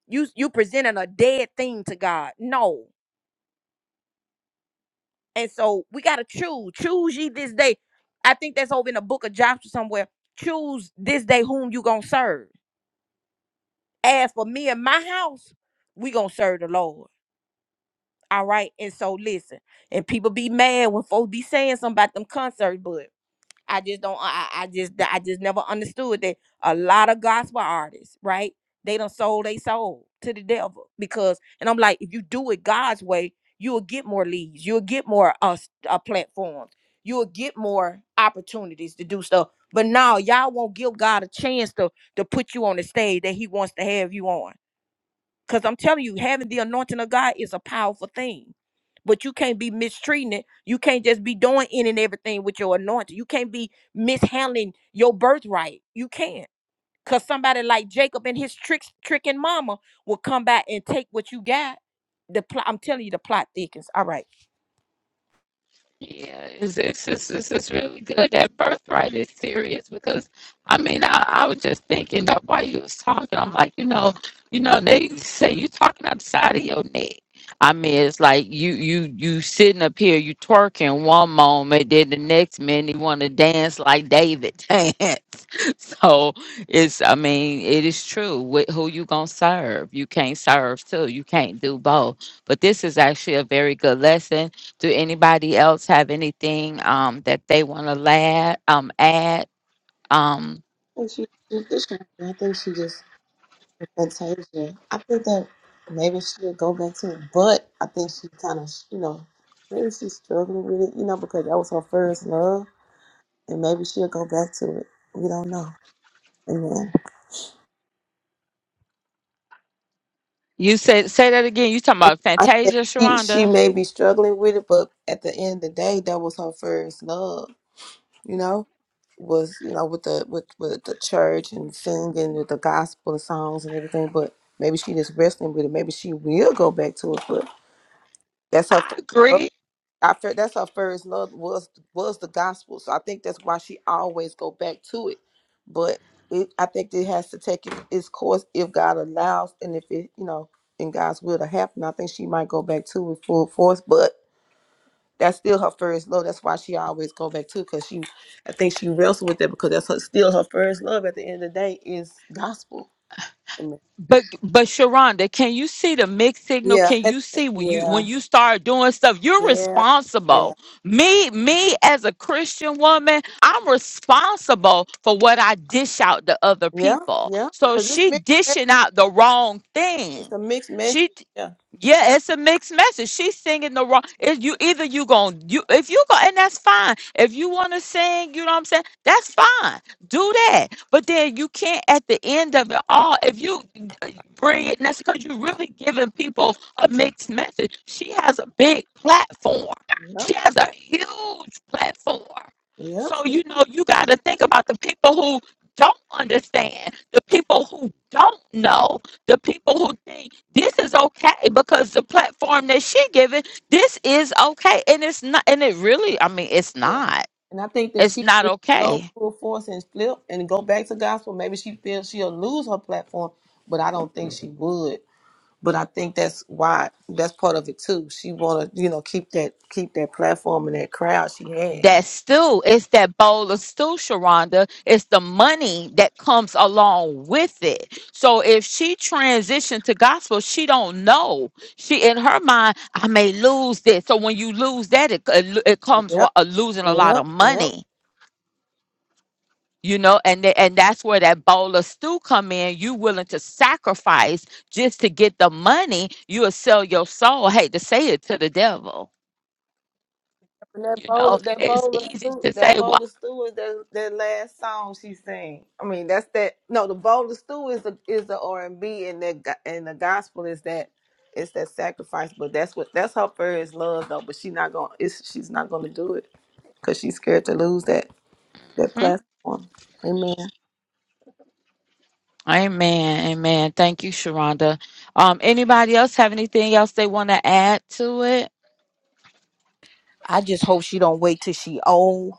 You you presenting a dead thing to God. No. And so we gotta choose. Choose ye this day. I think that's over in the book of Joshua somewhere. Choose this day whom you gonna serve. As for me and my house, we gonna serve the Lord. All right. And so listen. And people be mad when folks be saying something about them concerts, but I just don't. I, I I just I just never understood that a lot of gospel artists, right? They done sold they soul to the devil because, and I'm like, if you do it God's way, you will get more leads, you'll get more uh, s- uh platforms, you will get more opportunities to do stuff. But now y'all won't give God a chance to to put you on the stage that He wants to have you on. Because I'm telling you, having the anointing of God is a powerful thing. But you can't be mistreating it. You can't just be doing in and everything with your anointing. You can't be mishandling your birthright. You can't. Because somebody like Jacob and his tricks, tricking mama will come back and take what you got. The plot, I'm telling you, the plot thickens. All right.
Yeah, it's, it's, it's, it's, it's really good. That birthright is serious because I mean, I, I was just thinking that while you was talking, I'm like, you know, you know, they say you talking outside of your neck. I mean, it's like you you you sitting up here, you twerking one moment, then the next minute you want to dance like David dance. So it's, I mean, it is true. With who you gonna serve? You can't serve two. You can't do both. But this is actually a very good lesson do anybody else have anything um, that they want to add? Um, add? Um,
And she, she- this- I think she just Fantasia. I think that maybe she'll go back to it, but I think she kind of, you know, maybe she's struggling with it, you know, because that was her first love, and maybe she'll go back to it. We don't know. Amen.
you said say that again. You talking
I
about
I said
Fantasia,
she she
Sharonda?
may be struggling with it, but at the end of the day, that was her first love. You know, was you know with the with with the church and singing with the gospel and songs and everything, but. Maybe she just wrestling with it. Maybe she will go back to it, but that's her.
I
First love.
agree.
I felt that's her first love was was the gospel. So I think that's why she always go back to it. But it, I think it has to take it, its course if God allows, and if it, you know, in God's will to happen. I think she might go back to it full force, but that's still her first love. That's why she always go back to it, because she, I think she wrestled with that because that's her, still her first love. At the end of the day, is gospel. Amen.
But but Sharonda, can you see the mixed signal?
Yeah,
Can
and-
you see when you
yeah,
when you start doing stuff? You're
yeah, yeah,
responsible. Me me as a Christian woman, I'm responsible for what I dish out to other
yeah,
people.
yeah.
So
Because it's
she
mixed. message.
dishing out the wrong
It's
thing.
a mixed
She
message.
Yeah, it's a mixed message. She's singing the wrong. If you either you going you if you go and that's fine. If you want to sing, you know what I'm saying. That's fine. Do that. But then you can't at the end of it all. If you uh, bring it, and that's because you're really giving people a mixed message. She has a big platform.
Yep.
She has a huge platform.
Yep.
So you know you got to think about the people who don't understand, the people who don't know, the people who think this is okay because the platform that she giving this is okay and it's not and it really i mean it's
Yeah.
not
And I think that
it's
she
not
if she go
okay
full force and flip and go back to gospel, maybe she feels she'll lose her platform, but I don't think she would. But I think that's why that's part of it too. She wanna, you know, keep that keep that platform and that crowd she has.
that's still it's that bowl of stew sharonda it's the money that comes along with it so if she transitioned to gospel she don't know she in her mind i may lose this so when you lose that it, it, it comes with
Yep.
a, losing a lot
Yep.
of
Yep.
money you know and th- and that's where that bowl of stew come in you willing to sacrifice just to get the money you'll sell your soul I hate to say it to the devil
And that
you know
bowl, that
it's
bowl of
easy
stew,
to
that
say well
bowl of stew is that that last song she sang. I mean, that's that. No, the bowl of stew is the is the R and B, and that go- and the gospel is that it's that sacrifice. But that's what that's her first love though. But she not gonna it's, she's not gonna do it because she's scared to lose that that
hmm?
platform. Amen.
amen amen thank you sharonda um anybody else have anything else they want to add to it
I just hope she don't wait till she old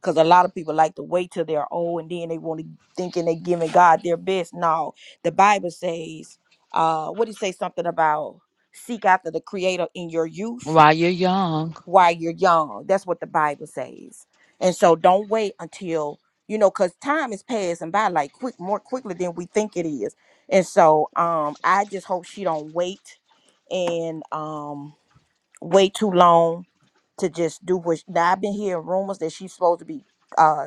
Cause a lot of people like to wait till they're old and then they want to thinking they giving God their best. No, the Bible says, uh, what do you say something about seek after the Creator in your youth
while you're young
while you're young? That's what the Bible says. And so don't wait until you know, cause time is passing by like quick, more quickly than we think it is. And so, um, I just hope she don't wait and um wait too long to just do what. Now I've been hearing rumors that she's supposed to be. uh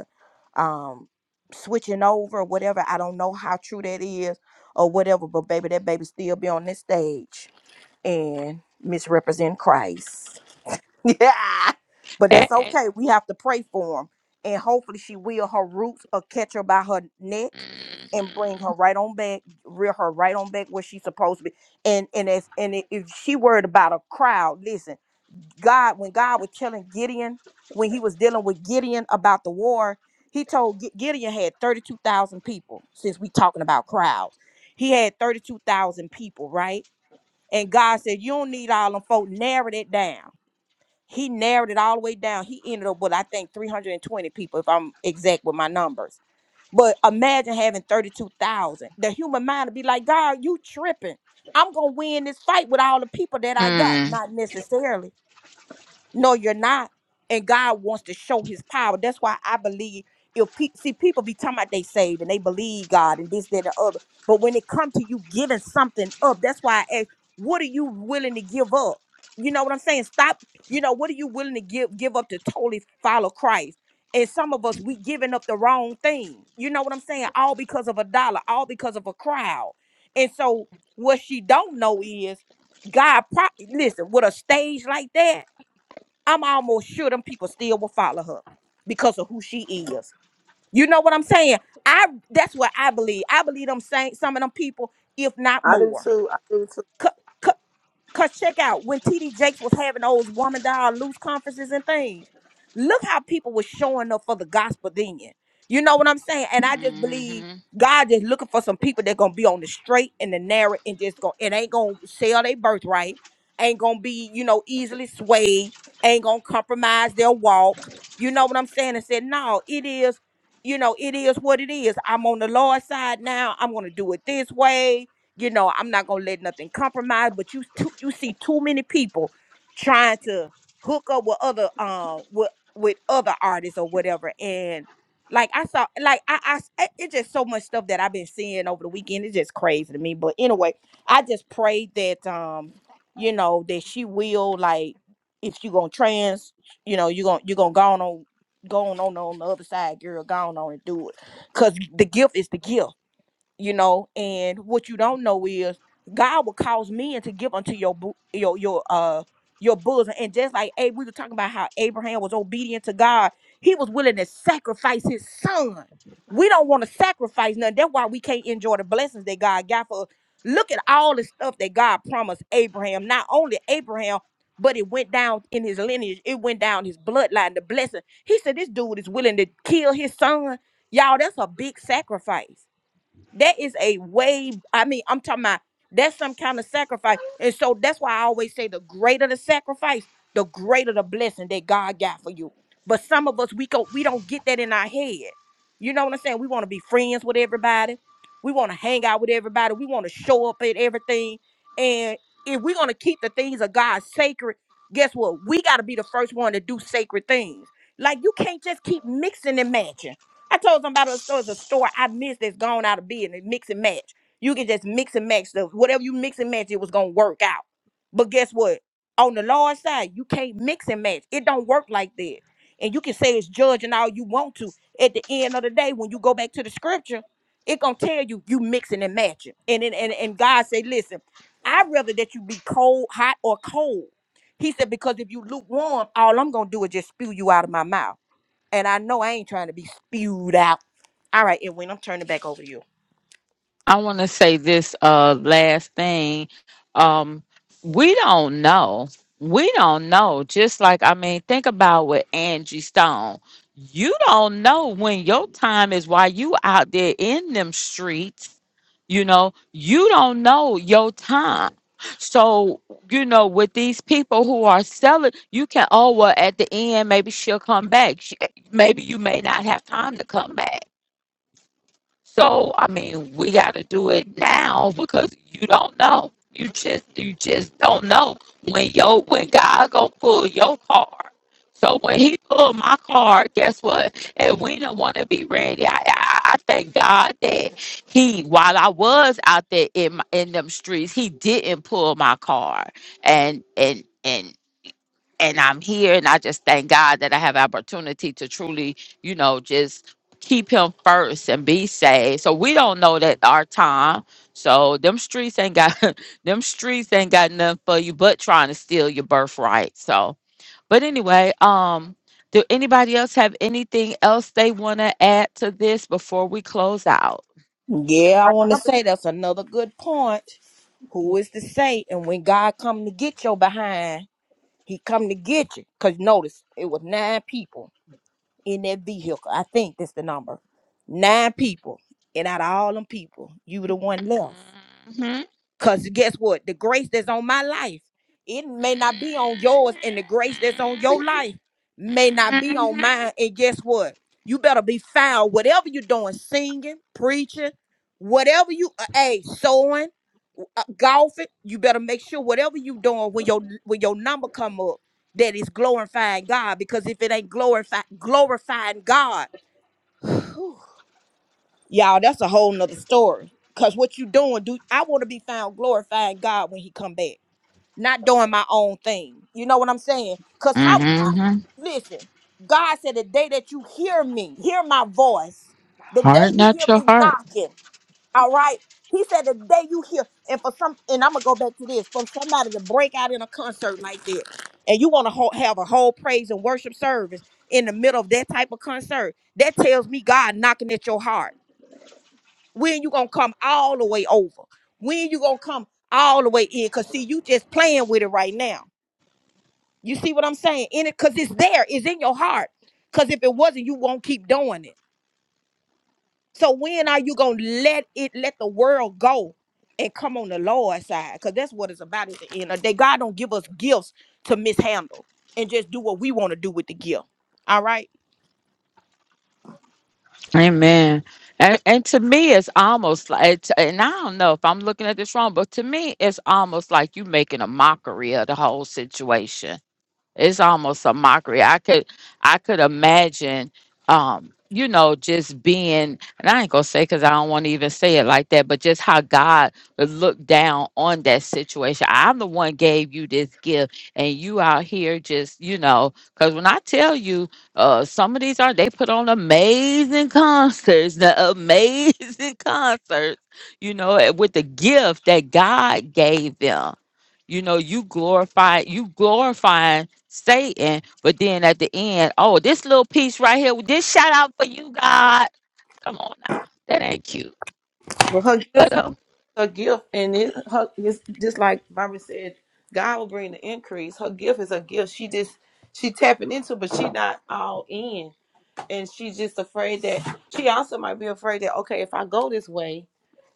um switching over or whatever. I don't know how true that is or whatever, but baby, that baby still be on this stage and misrepresent Christ. yeah. But that's
A- and-
okay. We have to pray for him. And hopefully she will her roots or catch her by her neck and bring her right on back, rear her right on back where she's supposed to be. And and as and if if she worried about a crowd, listen, God, when God was telling Gideon, when he was dealing with Gideon about the war, he told Gi- Gideon had 32,000 people, since we talking about crowds. He had 32,000 people, right? And God said, you don't need all them folk, narrowed it down. He narrowed it all the way down. He ended up with, I think, 320 people, if I'm exact with my numbers. But imagine having 32,000. The human mind would be like, God, you tripping. I'm going to win this fight with all the people that I got.
Mhm.
Not necessarily no, you're not. And God wants to show his power. That's why I believe if people see people be talking about they saved and they believe God and this, that, and the other. But when it comes to you giving something up, that's why I ask, what are you willing to give up? You know what I'm saying? Stop, you know, what are you willing to give give up to totally follow Christ? And some of us we giving up the wrong thing. You know what I'm saying? All because of a dollar, all because of a crowd. And so what she don't know is God pro- listen, with a stage like that. I'm almost sure them people still will follow her because of who she is. You know what I'm saying? I that's what I believe. I believe them saying some of them people, if not
I do
more.
too. I do too.
Cause check out when TD Jakes was having those woman down loose conferences and things. Look how people were showing up for the gospel then. You know what I'm saying? And I just
Mhm.
believe God is looking for some people that gonna be on the straight and the narrow and just go and ain't gonna sell their birthright, ain't gonna be, you know, easily swayed, ain't gonna compromise their walk. You know what I'm saying? And said, no, it is, you know, it is what it is. I'm on the Lord's side now. I'm gonna do it this way. You know, I'm not gonna let nothing compromise. But you too, you see too many people trying to hook up with other um with with other artists or whatever. And like I saw, like I, I s- it- it's just so much stuff that I've been seeing over the weekend. It's just crazy to me. But anyway, I just pray that um you know that she will like if you gonna trans, you know you gonna you gonna go on on- going on on on the other side, girl, go on, on and do it. Cause the gift is the gift you know and what you don't know is god will cause men to give unto your bo- your your uh your bosom and just like Abe, we were talking about how abraham was obedient to god he was willing to sacrifice his son we don't want to sacrifice nothing that's why we can't enjoy the blessings that god got for us look at all the stuff that god promised abraham not only abraham but it went down in his lineage it went down his bloodline the blessing he said this dude is willing to kill his son y'all that's a big sacrifice that is a way, I mean, I'm talking about that's some kind of sacrifice. And so that's why I always say the greater the sacrifice, the greater the blessing that God got for you. But some of us we go we don't get that in our head. You know what I'm saying? We want to be friends with everybody. We want to hang out with everybody. We want to show up at everything. And if we're going to keep the things of God sacred, guess what? We got to be the first one to do sacred things. Like you can't just keep mixing and matching. I told somebody the store is a store I missed that's gone out of business, mix and match. You can just mix and match stuff. Whatever you mix and match, it was gonna work out. But guess what? On the Lord's side, you can't mix and match. It don't work like that. And you can say it's judge and all you want to. At the end of the day, when you go back to the scripture, it gonna tell you you mixing and matching. And and and, and God said, listen, I'd rather that you be cold, hot, or cold. He said, because if you lukewarm, all I'm gonna do is just spew you out of my mouth. And I know I ain't trying to be spewed out. All right, and when I'm turning back over to you.
I want to say this uh, last thing. Um, we don't know. We don't know. Just like, I mean, think about with Angie Stone. You don't know when your time is while you out there in them streets. You know, you don't know your time. So, you know, with these people who are selling, you can, oh, well, at the end, maybe she'll come back. She, maybe you may not have time to come back so I mean, we got to do it now because you don't know. You just you just don't know when yo when God gonna pull your card. So when He pulled my card, guess what? And we don't want to be ready. I, I I thank God that He, while I was out there in my, in them streets, He didn't pull my card. And and and and I'm here and I just thank God that I have opportunity to truly, you know, just keep him first and be saved. So we don't know that our time. So them streets ain't got them streets ain't got nothing for you but trying to steal your birthright. So but anyway, um do anybody else have anything else they want to add to this before we close out?
Yeah,
Yeah, I
Like
want to
Robert,
say that's another good point. Who is to say? And when God come to get your behind, He come to get you. Cause notice it was nine people in that vehicle. I think that's the number. Nine people, and out of all them people, you were the one left.
Mhm.
Because guess what? The grace that's on my life, it may not be on yours, and the grace that's on your life may not be on
Mhm.
mine. And guess what? You better be found. Whatever you're doing, singing, preaching, whatever you, uh, hey, sowing, uh, golfing, you better make sure whatever you doing when your when your number come up, that is glorifying God. Because if it ain't glorify glorifying God, y'all that's a whole nother story because what you doing do i want to be found glorifying god when he come back not doing my own thing you know what i'm saying because how, how
Mhm.
listen god said the day that you hear me hear my voice the day
Harden
you
not
hear
your
me
heart.
knocking all right he said the day you hear and for some and i'm gonna go back to this for somebody to break out in a concert like that and you want to have a whole praise and worship service in the middle of that type of concert that tells me god knocking at your heart when you gonna come all the way over? When you gonna come all the way in? Cause see, you just playing with it right now. You see what I'm saying? In it, cause it's there. It's in your heart. Cause if it wasn't, you won't keep doing it. So when are you gonna let it, let the world go and come on the Lord's side? Cause that's what it's about at the end of the day. God don't give us gifts to mishandle and just do what we want to do with the gift. All right?
Amen. And, and to me, it's almost like, it's- and I don't know if I'm looking at this wrong, but to me, it's almost like you making a mockery of the whole situation it's almost a mockery. I could I could imagine um you know just being and I ain't gonna say because I don't want to even say it like that, but just how God would look down on that situation. I'm the one gave you this gift and you out here just, you know, because when I tell you uh some of these are they put on amazing concerts, the amazing concerts, you know, eh, with the gift that God gave them. You know, you glorify you glorifying Satan, but then at the end, oh, this little piece right here, this shout out for you, God. Come on now, that ain't cute.
but her gift
But um,
her gift and it her just, just like Barbara said, God will bring the increase. Her gift is a gift. She just she tapping into, but she not all in, and she's just afraid that she also might be afraid that okay, if I go this way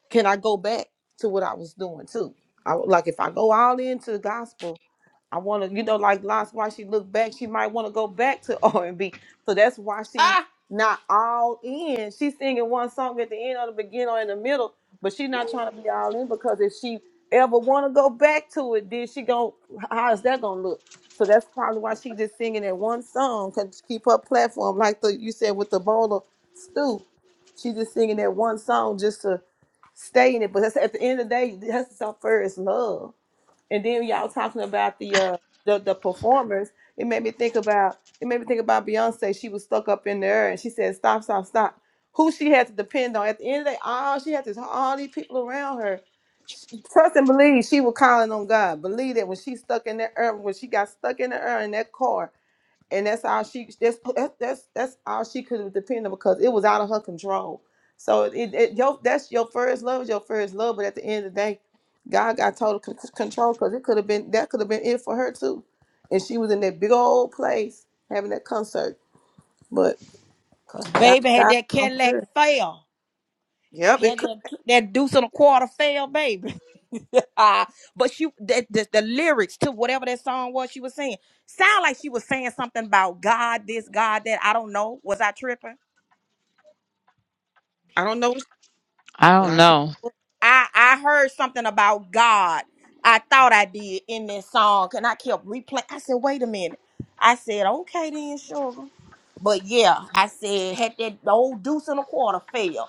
can I go back to what I was doing too? I like if I go all into the gospel, I want to, you know, like last why she looked back, she might want to go back to R and B. So that's why she
Ah,
not all in. She's singing one song at the end or the beginning or in the middle, but she not trying to be all in because if she ever want to go back to it, then she gon' how is that gonna look? So that's probably why she just singing that one song cause to keep her platform like the you said with the bowl of stew. She just singing that one song just to stay in it. But that's, at the end of the day, that's our first love. And then y'all talking about the uh the, the performers, it made me think about it made me think about Beyonce. She was stuck up in there and she said, Stop, stop, stop. Who she had to depend on. At the end of the day, all she had is all these people around her. She- Trust and believe she was calling on God. Believe that when she stuck in that earth, when she got stuck in the earth in that car, and that's all she that's that's that's, that's all she could depend on because it was out of her control. So it, it your that's your first love is your first love, but at the end of the day, God got total c- c- control because it could have been that could have been it for her too, and she was in that big old place having that concert. But
Cause
God,
baby had
God,
that
told
Cadillac
her.
fail.
Yep, it
Had
could.
that, that deuce and a quarter fail, baby. Ah, but she that the, the lyrics to whatever that song was she was saying sound like she was saying something about God this God that I don't know was I tripping
I don't know,
I
but
don't
I tell.
know.
I I heard something about God. I thought I did in this song, and I kept replaying. I said, "Wait a minute." I said, "Okay then, sugar." But yeah, I said, had that old deuce and a quarter fail,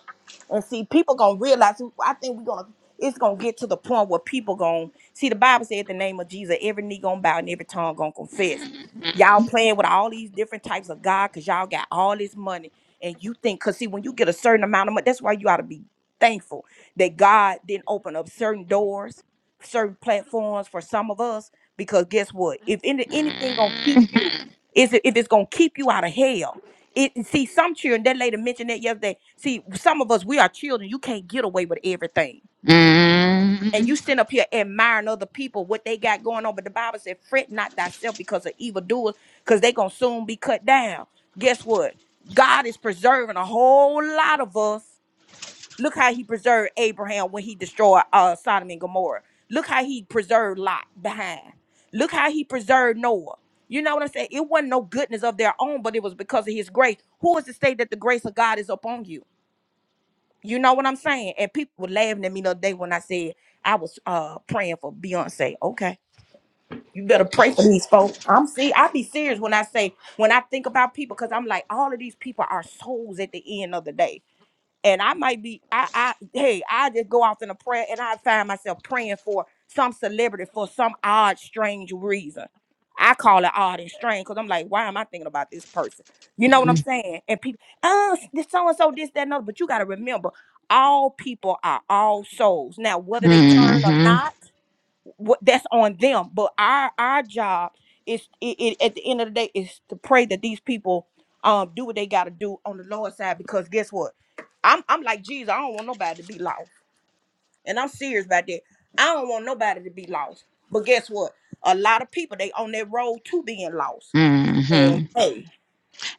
and see, people gonna realize. I think we're gonna. It's gonna get to the point where people gonna see. The Bible said, "The name of Jesus, every knee gonna bow and every tongue gonna confess." Y'all playing with all these different types of God because y'all got all this money, and you think, cause see, when you get a certain amount of money, that's why you ought to be thankful that God didn't open up certain doors, certain platforms for some of us. Because guess what? If any, anything gonna keep
Mhm,
you, is it- if it's gonna keep you out of hell. It see some children. That lady mentioned that yesterday. See, some of us we are children. You can't get away with everything. And you sit up here admiring other people, what they got going on. But the Bible said, fret not thyself because of evildoers, because they going to soon be cut down. Guess what? God is preserving a whole lot of us Look how he preserved Abraham when he destroyed uh, Sodom and Gomorrah. Look how he preserved Lot behind. Look how he preserved Noah. You know what I'm saying? It wasn't no goodness of their own, but it was because of his grace. Who is to say that the grace of God is upon you? You know what I'm saying? And people were laughing at me the other day when I said I was uh praying for Beyonce. Okay. You better pray for these folks. I'm see, I be serious when I say when I think about people, because I'm like, all of these people are souls at the end of the day and I might be I I hey I just go off in a prayer and I find myself praying for some celebrity for some odd strange reason. I call it odd and strange because I'm like, why am I thinking about this person? You know what I'm saying? And people, uh, this so and so, this that and other. But you got to remember, all people are all souls. Now, whether they turn or
mhm,
not what that's on them but our our job is it, it at the end of the day is to pray that these people um do what they got to do on the lord's side because guess what i'm i'm like jesus i don't want nobody to be lost and i'm serious about that i don't want nobody to be lost but guess what a lot of people they on that road to being lost and
mhm.
hey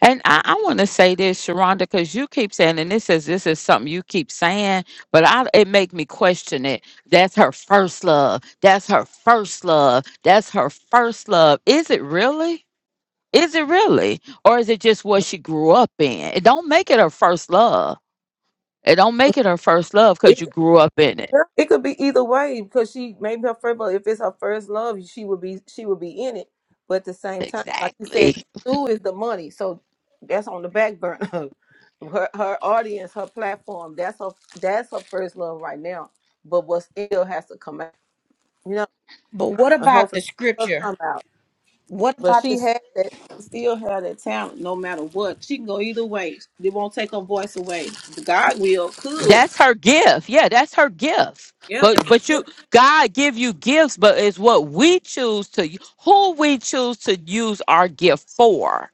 And I, I want to say this, Sharonda, because you keep saying, and this is this is something you keep saying, but I it make me question it. That's her first love. That's her first love. That's her first love. Is it really? Is it really? Or is it just what she grew up in? It don't make it her first love. It don't make it her first love because you grew up in it.
It could be either way because she maybe her first but If it's her first love, she would be she would be in it. But at the same time, like you said,
Exactly.
Sue is the money, so that's on the back burner. Her her audience, her platform. That's her that's her first love right now. But what still has to come out, you know,
but what
and
about the
hopefully it does
scripture
come out.
what
But
about
she
this?
has that. She still had that talent, no matter what. She can go either way. It won't take her voice away. God will could.
That's her gift. Yeah, that's her gift.
Yeah,
But
that's
but
a
you God give you gifts, but it's what we choose to who we choose to use our gift for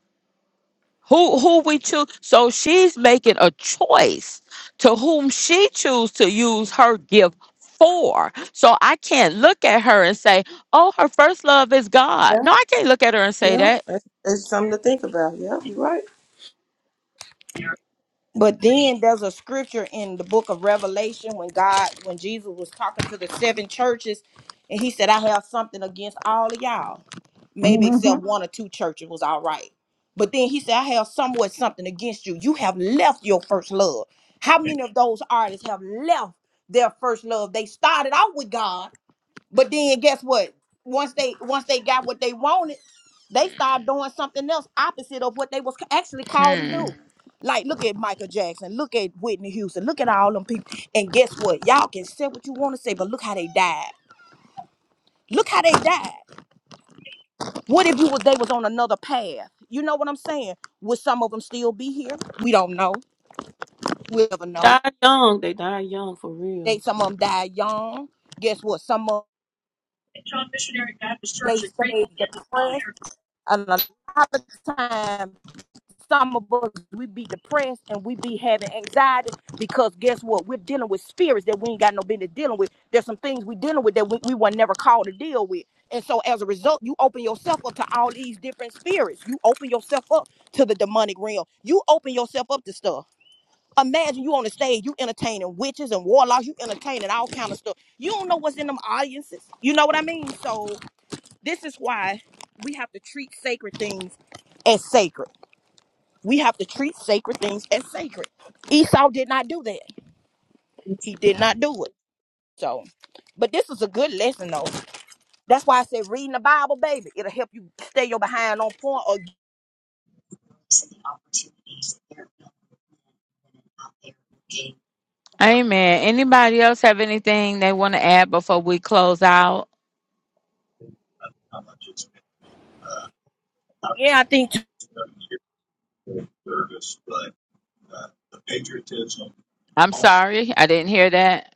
Who who we choose? So she's making a choice to whom she choose to use her gift for. So I can't look at her and say, "Oh, her first love is God."
gift.
No, I can't look at her and say
Yeah,
that.
that's, that's something to think about. Yeah, you're right.
But then there's a scripture in the book of Revelation when God, when Jesus was talking to the seven churches, and he said, I have something against all of y'all. Maybe except one or two churches was all right. But then he said, I have somewhat something against you. You have left your first love. How many of those artists have left their first love? They started out with God. But then guess what? Once they once they got what they wanted, they started doing something else opposite of what they was actually called to do.
Hmm.
Like look at Michael Jackson, look at Whitney Houston, look at all them people. And guess what? Y'all can say what you want to say, but look how they died. Look how they died. What if you was they was on another path? You know what I'm saying? Would some of them still be here? We don't know. We'll never know.
Die young. They die young for
They
real.
some of them died young. Guess what? Some of they stayed
Mhm.
depressed, and a lot of times Some of us we be depressed and we be having anxiety because guess what? We're dealing with spirits that we ain't got no business dealing with. There's some things we dealing with that we, we were never called to deal with. And so as a result, you open yourself up to all these different spirits. You open yourself up to the demonic realm. You open yourself up to stuff. Imagine you on the stage, you entertaining witches and warlocks, you entertaining all kind of stuff. You don't know what's in them audiences. You know what I mean? So this is why we have to treat sacred things as sacred. We have to treat sacred things as sacred. Esau did not do that. He did not do it. So, but this is a good lesson though. That's why I said reading the Bible, baby, it'll help you stay your behind on point. Or
Amen. Anybody else have anything they want to add before we close out?
yeah, I think.
I'm sorry, I didn't hear that.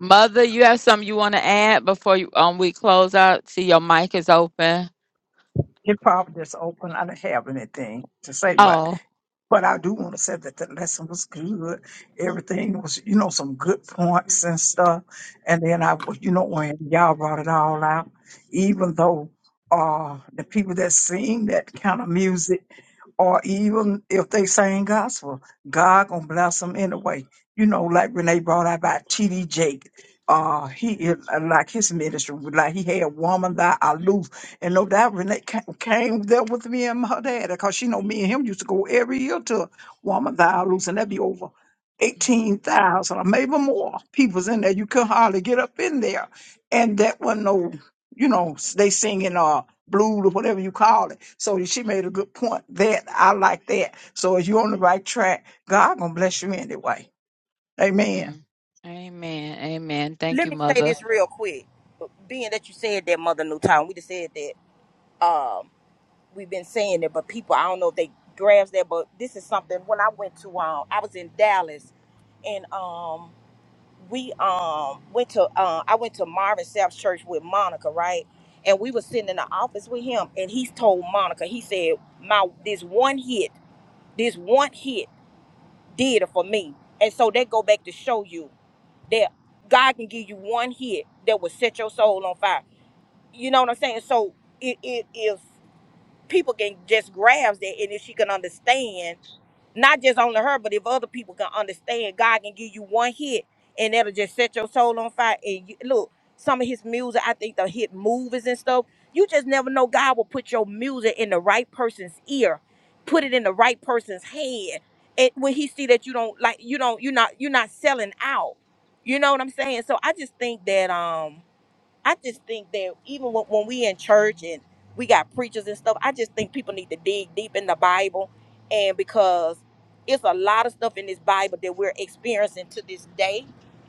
Mother, you have something you want to add before you, um we close out? See, your mic is open.
It probably just open. I don't have anything to say, but
Oh.
but I do want to say that the lesson was good. Everything was, you know, some good points and stuff. And then I, was- you know, when y'all brought it all out, even though uh the people that sing that kind of music, or even if they sing gospel, God gonna bless them anyway. You know, like when they brought out about T.D. Jake, uh, he like his ministry, like he had woman that I and no doubt Renee ca- came there with me and her dad because she know me and him used to go every year to Wamadialoos and that'd be over 18,000 or maybe more people's in there. You could hardly get up in there. And that wasn't no, you know, s- they singing uh, blues or whatever you call it. So she made a good point that I like that. So if you're on the right track, God gonna bless you anyway. Amen.
Mm. Amen. Amen. Thank
Let
you,
me say
Mother.
this real quick. Being that you said that, Mother New time we just said that. Um, we've been saying it, but people, I don't know if they grasp that. But this is something. When I went to, um, I was in Dallas, and um. we um went to uh, I went to Marvin Sapp's church with Monica, right? And we were sitting in the office with him, and he told Monica, he said, "My this one hit, this one hit did it for me." And so they go back to show you that God can give you one hit that will set your soul on fire. You know what I'm saying? So it it is people can just grasp that and if she can understand not just only her but if other people can understand god can give you one hit and that'll just set your soul on fire and you, look some of his music i think the hit movies and stuff you just never know god will put your music in the right person's ear put it in the right person's head, and when he see that you don't like you don't you're not you're not selling out you know what i'm saying so i just think that um I just think that even when, when we in church and we got preachers and stuff, I just think people need to dig deep in the Bible, and because it's a lot of stuff in this Bible that we're experiencing to this day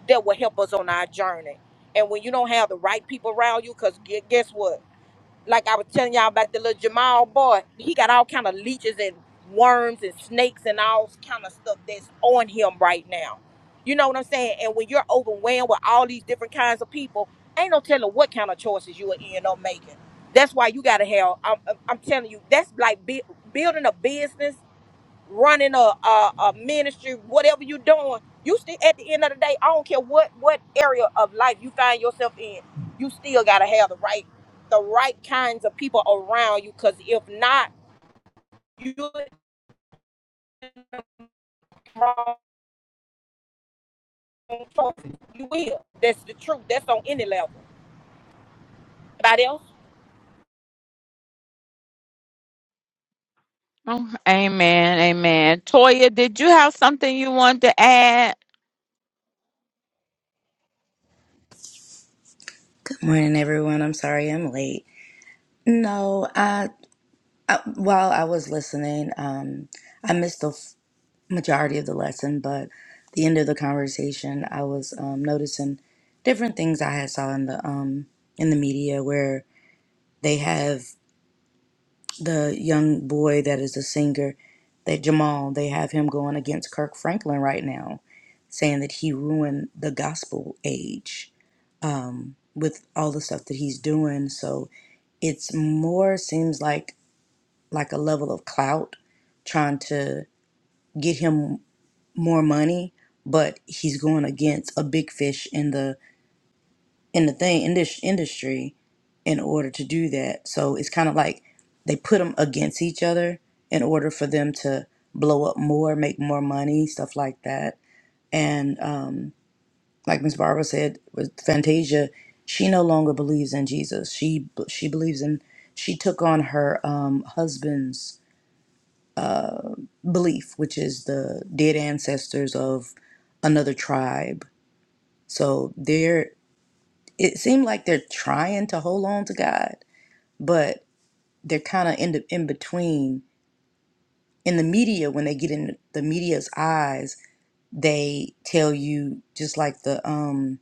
that will help us on our journey. And when you don't have the right people around you, because guess what? like I was telling y'all about the little Jamal boy, he got all kind of leeches and worms and snakes and all kind of stuff that's on him right now. You know what I'm saying? And when you're overwhelmed with all these different kinds of people, ain't no telling what kind of choices you will end up making. That's why you gotta have. I'm, I'm telling you, that's like bu- building a business running a, a, a ministry, whatever you're doing, you still at the end of the day, I don't care what what area of life you find yourself in, you still gotta have the right the right kinds of people around you. Cause if not, you wrong choices. you will. That's the truth. That's on any level. anybody else?
Oh, amen. Amen. Toya, did you have something you wanted to add?
Morning, everyone. I'm sorry I'm late. No, I, I while I was listening, um, I missed the f- majority of the lesson, but the end of the conversation, I was um, noticing different things I had saw in the um in the media where they have the young boy that is a singer, that Jamal, they have him going against Kirk Franklin right now, saying that he ruined the gospel age with all the stuff that he's doing. So it's more seems like like a level of clout trying to get him more money but he's going against a big fish in the in the thing in this industry in order to do that so it's kind of like they put them against each other in order for them to blow up more make more money stuff like that and um like miss barbara said with fantasia she no longer believes in jesus she she believes in she took on her um husband's belief, which is the dead ancestors of another tribe. So they're it seemed like they're trying to hold on to God, but they're kind of in the in between. In the media, when they get in the media's eyes, they tell you just like the um,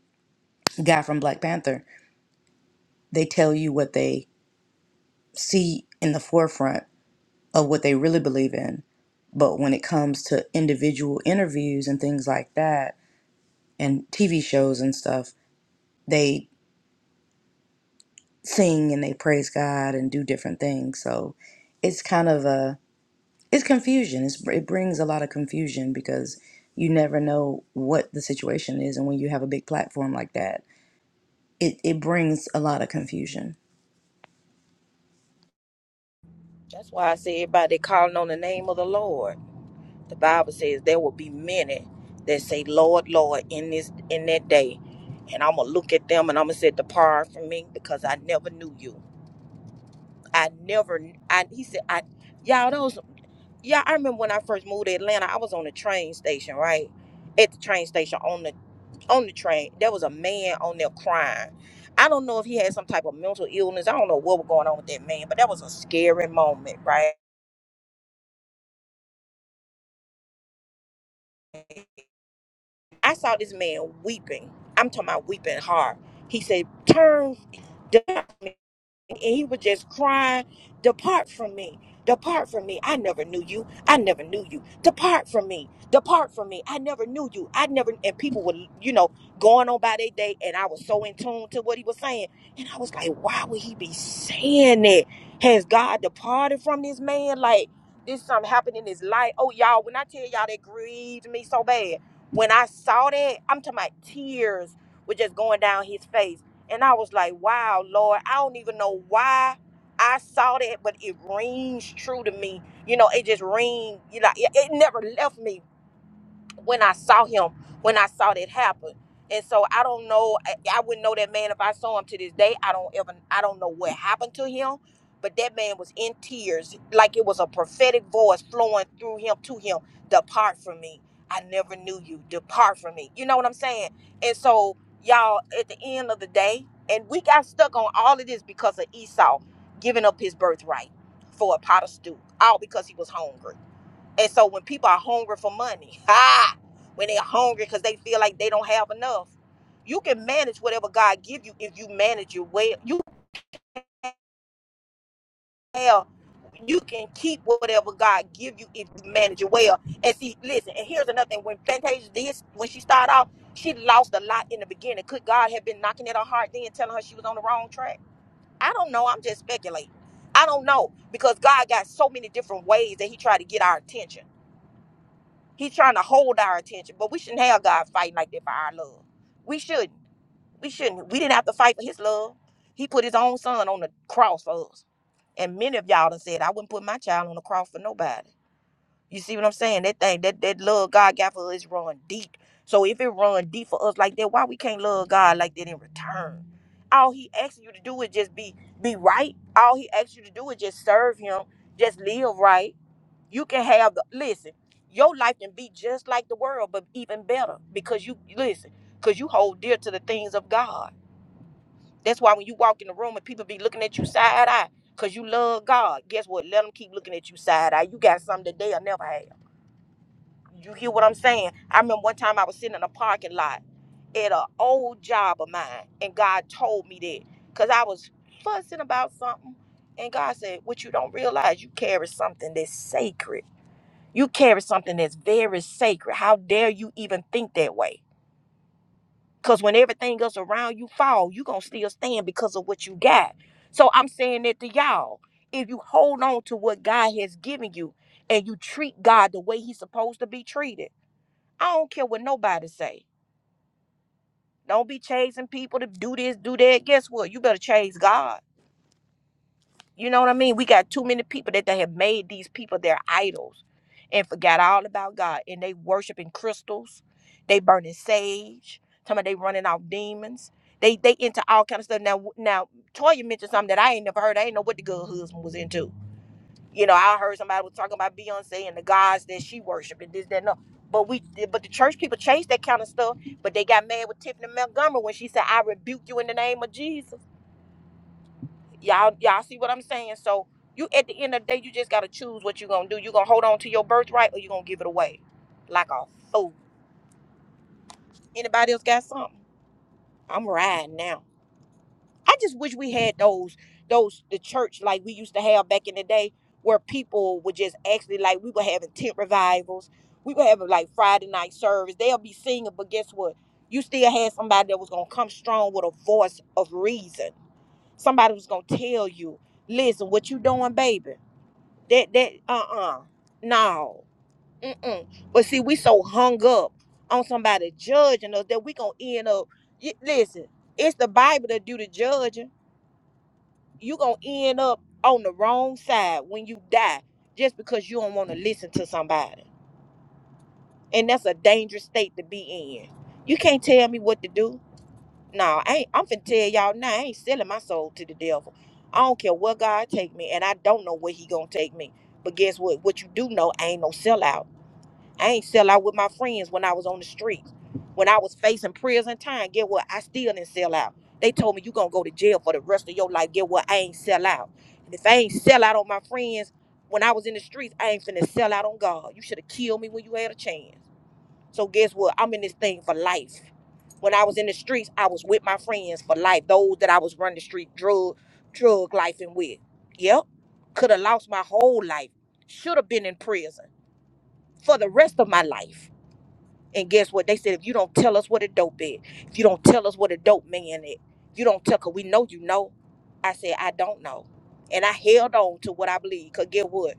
guy from Black Panther. They tell you what they see in the forefront of what they really believe in. But when it comes to individual interviews and things like that, and TV shows and stuff, they sing and they praise God and do different things. So it's kind of a it's confusion. It's, it brings a lot of confusion because you never know what the situation is, and when you have a big platform like that, it it brings a lot of confusion.
That's why I say everybody calling on the name of the Lord. The Bible says there will be many that say, Lord, Lord, in this in that day. And I'm gonna look at them and I'm gonna say, Depart from me, because I never knew you. I never I he said, I y'all those yeah, I remember when I first moved to Atlanta, I was on the train station, right? At the train station on the on the train, there was a man on there crying. I don't know if he had some type of mental illness. I don't know what was going on with that man, but that was a scary moment, right? I saw this man weeping. I'm talking about weeping hard. He said, Turn denounce me and he was just crying, Depart from me. Depart from me. I never knew you. I never knew you. Depart from me. Depart from me. I never knew you. I never and people were, you know, going on by their day and I was so in tune to what he was saying. And I was like, why would he be saying that? Has God departed from this man? Like this something happened in his life. Oh y'all, when I tell y'all that grieved me so bad. When I saw that, I'm talking about tears were just going down his face and I was like, wow, Lord, I don't even know why I saw that, but it rings true to me. You know, it just rings, you know, it, it never left me when I saw him, when I saw that happen. And so I don't know. I, I wouldn't know that man if I saw him to this day. I don't ever, I don't know what happened to him, but that man was in tears, like it was a prophetic voice flowing through him to him. Depart from me. I never knew you. Depart from me. You know what I'm saying? And so y'all, at the end of the day, and we got stuck on all of this because of Esau giving up his birthright for a pot of stew, all because he was hungry. And so when people are hungry for money, ha, when they're hungry because they feel like they don't have enough, you can manage whatever God give you if you manage it well. You can have, you can keep whatever God give you if you manage it well. And see, listen, and here's another thing. When Fantasia did, when she started off, she lost a lot in the beginning. Could God have been knocking at her heart then telling her she was on the wrong track? I don't know. I'm just speculating. I don't know because God got so many different ways that he tried to get our attention. He's trying to hold our attention, but we shouldn't have God fighting like that for our love. We shouldn't. We shouldn't. We didn't have to fight for His love. He put His own Son on the cross for us. And many of y'all done said, I wouldn't put my child on the cross for nobody. You see what I'm saying? That thing, that, that love God got for us run deep. So if it run deep for us like that, why we can't love God like that in return? All he asks you to do is just be be right. All he asks you to do is just serve him, just live right you can have the listen your life can be just like the world but even better because you listen because you hold dear to the things of god that's why when you walk in the room and people be looking at you side eye because you love god guess what let them keep looking at you side eye you got something that they'll never have you hear what i'm saying i remember one time i was sitting in a parking lot at an old job of mine and god told me that because i was fussing about something and god said what you don't realize you carry something that's sacred you carry something that's very sacred. How dare you even think that way? Because when everything else around you fall, you going to still stand because of what you got. So I'm saying that to y'all. If you hold on to what God has given you and you treat God the way he's supposed to be treated, I don't care what nobody say. Don't be chasing people to do this, do that. Guess what? You better chase God. You know what I mean? We got too many people that they have made these people their idols and forgot all about God. And they worshiping crystals, they burning sage, talking about they running off demons. They they into all kind of stuff. Now now Toya mentioned something that I ain't never heard. I ain't know what the good husband was into. You know, I heard somebody was talking about Beyonce and the gods that she worshiped and this, that, and no. But we but the church people chase that kind of stuff. But they got mad with Tiffany Montgomery when she said, I rebuke you in the name of Jesus Y'all, y'all see what I'm saying? So you at the end of the day, you just gotta choose what you're gonna do. You gonna hold on to your birthright or you gonna give it away. Like a fool. Anybody else got something? I'm riding now. I just wish we had those, those the church like we used to have back in the day, where people would just actually like we were having tent revivals, we were having like Friday night service. They'll be singing, but guess what? You still had somebody that was gonna come strong with a voice of reason. Somebody was gonna tell you, listen, what you doing, baby? That that uh-uh. No. Mm-mm. But see, we so hung up on somebody judging us that we gonna end up y- listen, it's the Bible that do the judging. You gonna end up on the wrong side when you die just because you don't want to listen to somebody. And that's a dangerous state to be in. You can't tell me what to do. No, I ain't, I'm finna tell y'all now, I ain't selling my soul to the devil. I don't care what God take me, and I don't know where he gonna take me. But guess what? What you do know, I ain't no sellout. I ain't sell out with my friends when I was on the streets. When I was facing prison time, get what? I still didn't sell out. They told me you gonna go to jail for the rest of your life. Get what? I ain't sell out. And if I ain't sell out on my friends when I was in the streets, I ain't finna sell out on God. You should have killed me when you had a chance. So guess what? I'm in this thing for life. When I was in the streets, I was with my friends for life. Those that I was running the street drug, drug life and with. Yep. Could have lost my whole life. Should have been in prison for the rest of my life and guess what? They said if you don't tell us what a dope is, if you don't tell us what a dope man is, you don't tell cause we know you know. I said, I don't know. And I held on to what I believe. Cause get what?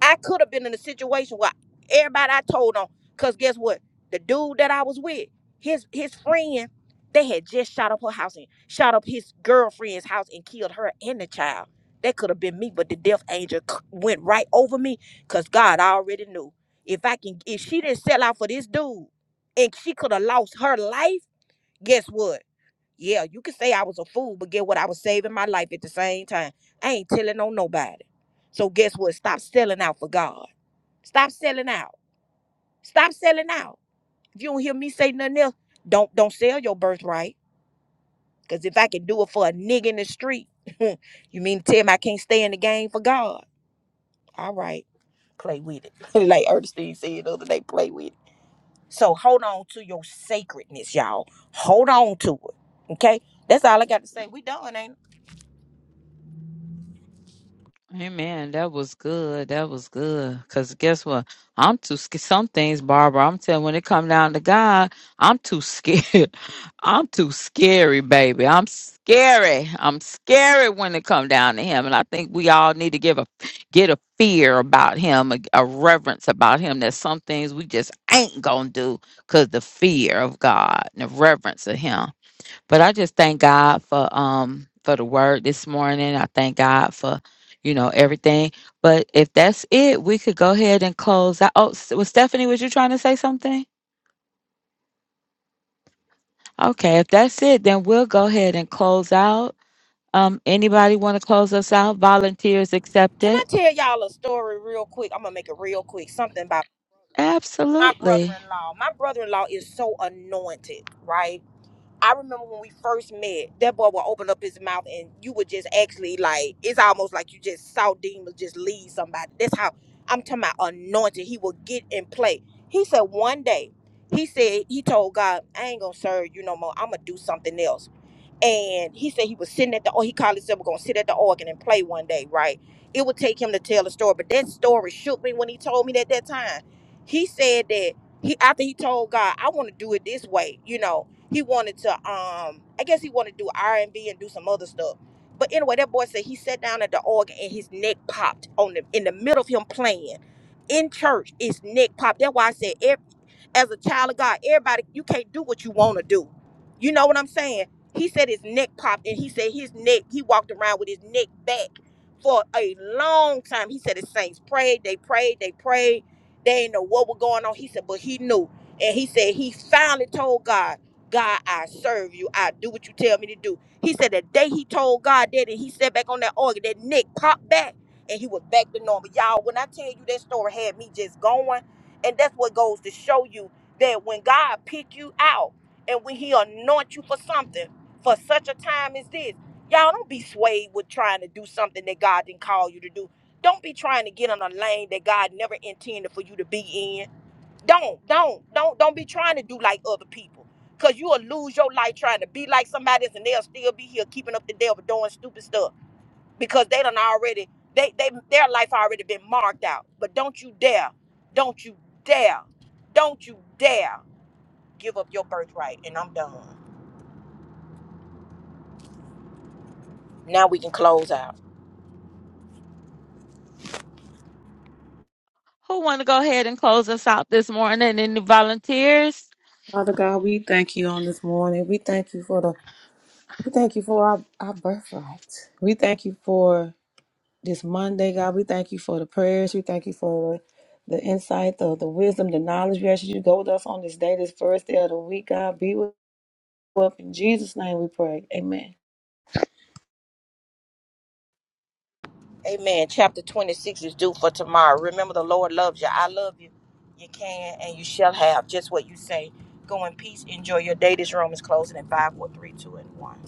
I could have been in a situation where everybody I told on, cause guess what? The dude that I was with, his his friend, they had just shot up her house and shot up his girlfriend's house and killed her and the child. That could have been me, but the death angel c- went right over me, cause God already knew. If I can, if she didn't sell out for this dude, and she could have lost her life, guess what? Yeah, you can say I was a fool, but get what? I was saving my life at the same time. I ain't telling on nobody. So guess what? Stop selling out for God. Stop selling out. Stop selling out. If you don't hear me say nothing else, don't don't sell your birthright. Cause if I can do it for a nigga in the street, you mean to tell me I can't stay in the game for God? All right, play with it. like Ernestine said the other day, play with it. So hold on to your sacredness, y'all. Hold on to it. Okay? That's all I got to say. We done, ain't it?
Amen. that was good. That was good. Cause guess what? I'm too scared. Some things, Barbara. I'm telling. When it come down to God, I'm too scared. I'm too scary, baby. I'm scary. I'm scary when it come down to Him. And I think we all need to give a get a fear about Him, a, a reverence about Him. There's some things we just ain't gonna do cause the fear of God and the reverence of Him. But I just thank God for um for the word this morning. I thank God for you know everything. But if that's it, we could go ahead and close out. Oh, S- was Stephanie, was you trying to say something? Okay, if that's it, then we'll go ahead and close out. Um, anybody want to close us out? Volunteers
Can
accepted.
I tell y'all a story real quick? I'm gonna make it real quick. Something about my
Absolutely.
brother-in-law. My brother-in-law is so anointed, right? I remember when we first met, that boy would open up his mouth and you would just actually like it's almost like you just saw demons just leave somebody. That's how I'm talking about anointed. He would get in play. He said one day, he said, he told God, I ain't gonna serve you no more. I'm gonna do something else and he said he was sitting at the or he called himself gonna sit at the organ and play one day, right? It would take him to tell a story, but that story shook me when he told me that that time. He said that he after he told God, I want to do it this way, you know. He wanted to um I guess he wanted to do R and B and do some other stuff. But anyway, that boy said he sat down at the organ and his neck popped on the in the middle of him playing. In church, his neck popped. That's why I said every, as a child of God, everybody you can't do what you want to do. You know what I'm saying? He said his neck popped, and he said his neck, he walked around with his neck back for a long time. He said his saints prayed, they prayed, they prayed. They didn't know what was going on. He said, but he knew. And he said he finally told God, God, I serve you. I do what you tell me to do. He said the day he told God that and he sat back on that organ, that neck popped back and he was back to normal. Y'all, when I tell you that story had me just going, and that's what goes to show you that when God pick you out and when he anoint you for something, for such a time as this. Y'all don't be swayed with trying to do something that God didn't call you to do. Don't be trying to get on a lane that God never intended for you to be in. Don't, don't, don't, don't be trying to do like other people. Cause you'll lose your life trying to be like somebody else and they'll still be here keeping up the devil doing stupid stuff. Because they done already, they they their life already been marked out. But don't you dare, don't you dare, don't you dare give up your birthright. And I'm done. Now we can close out.
Who want to go ahead and close us out this morning? Any volunteers?
Father God, we thank you on this morning. We thank you for the we thank you for our, our birthright. We thank you for this Monday, God. We thank you for the prayers. We thank you for the, the insight, the, the wisdom, the knowledge. We ask you to go with us on this day, this first day of the week, God. Be with us. In Jesus' name we pray. Amen.
Amen. Chapter 26 is due for tomorrow. Remember, the Lord loves you. I love you. You can and you shall have just what you say. Go in peace. Enjoy your day. This room is closing in 5, 4, 3, 2, and 1.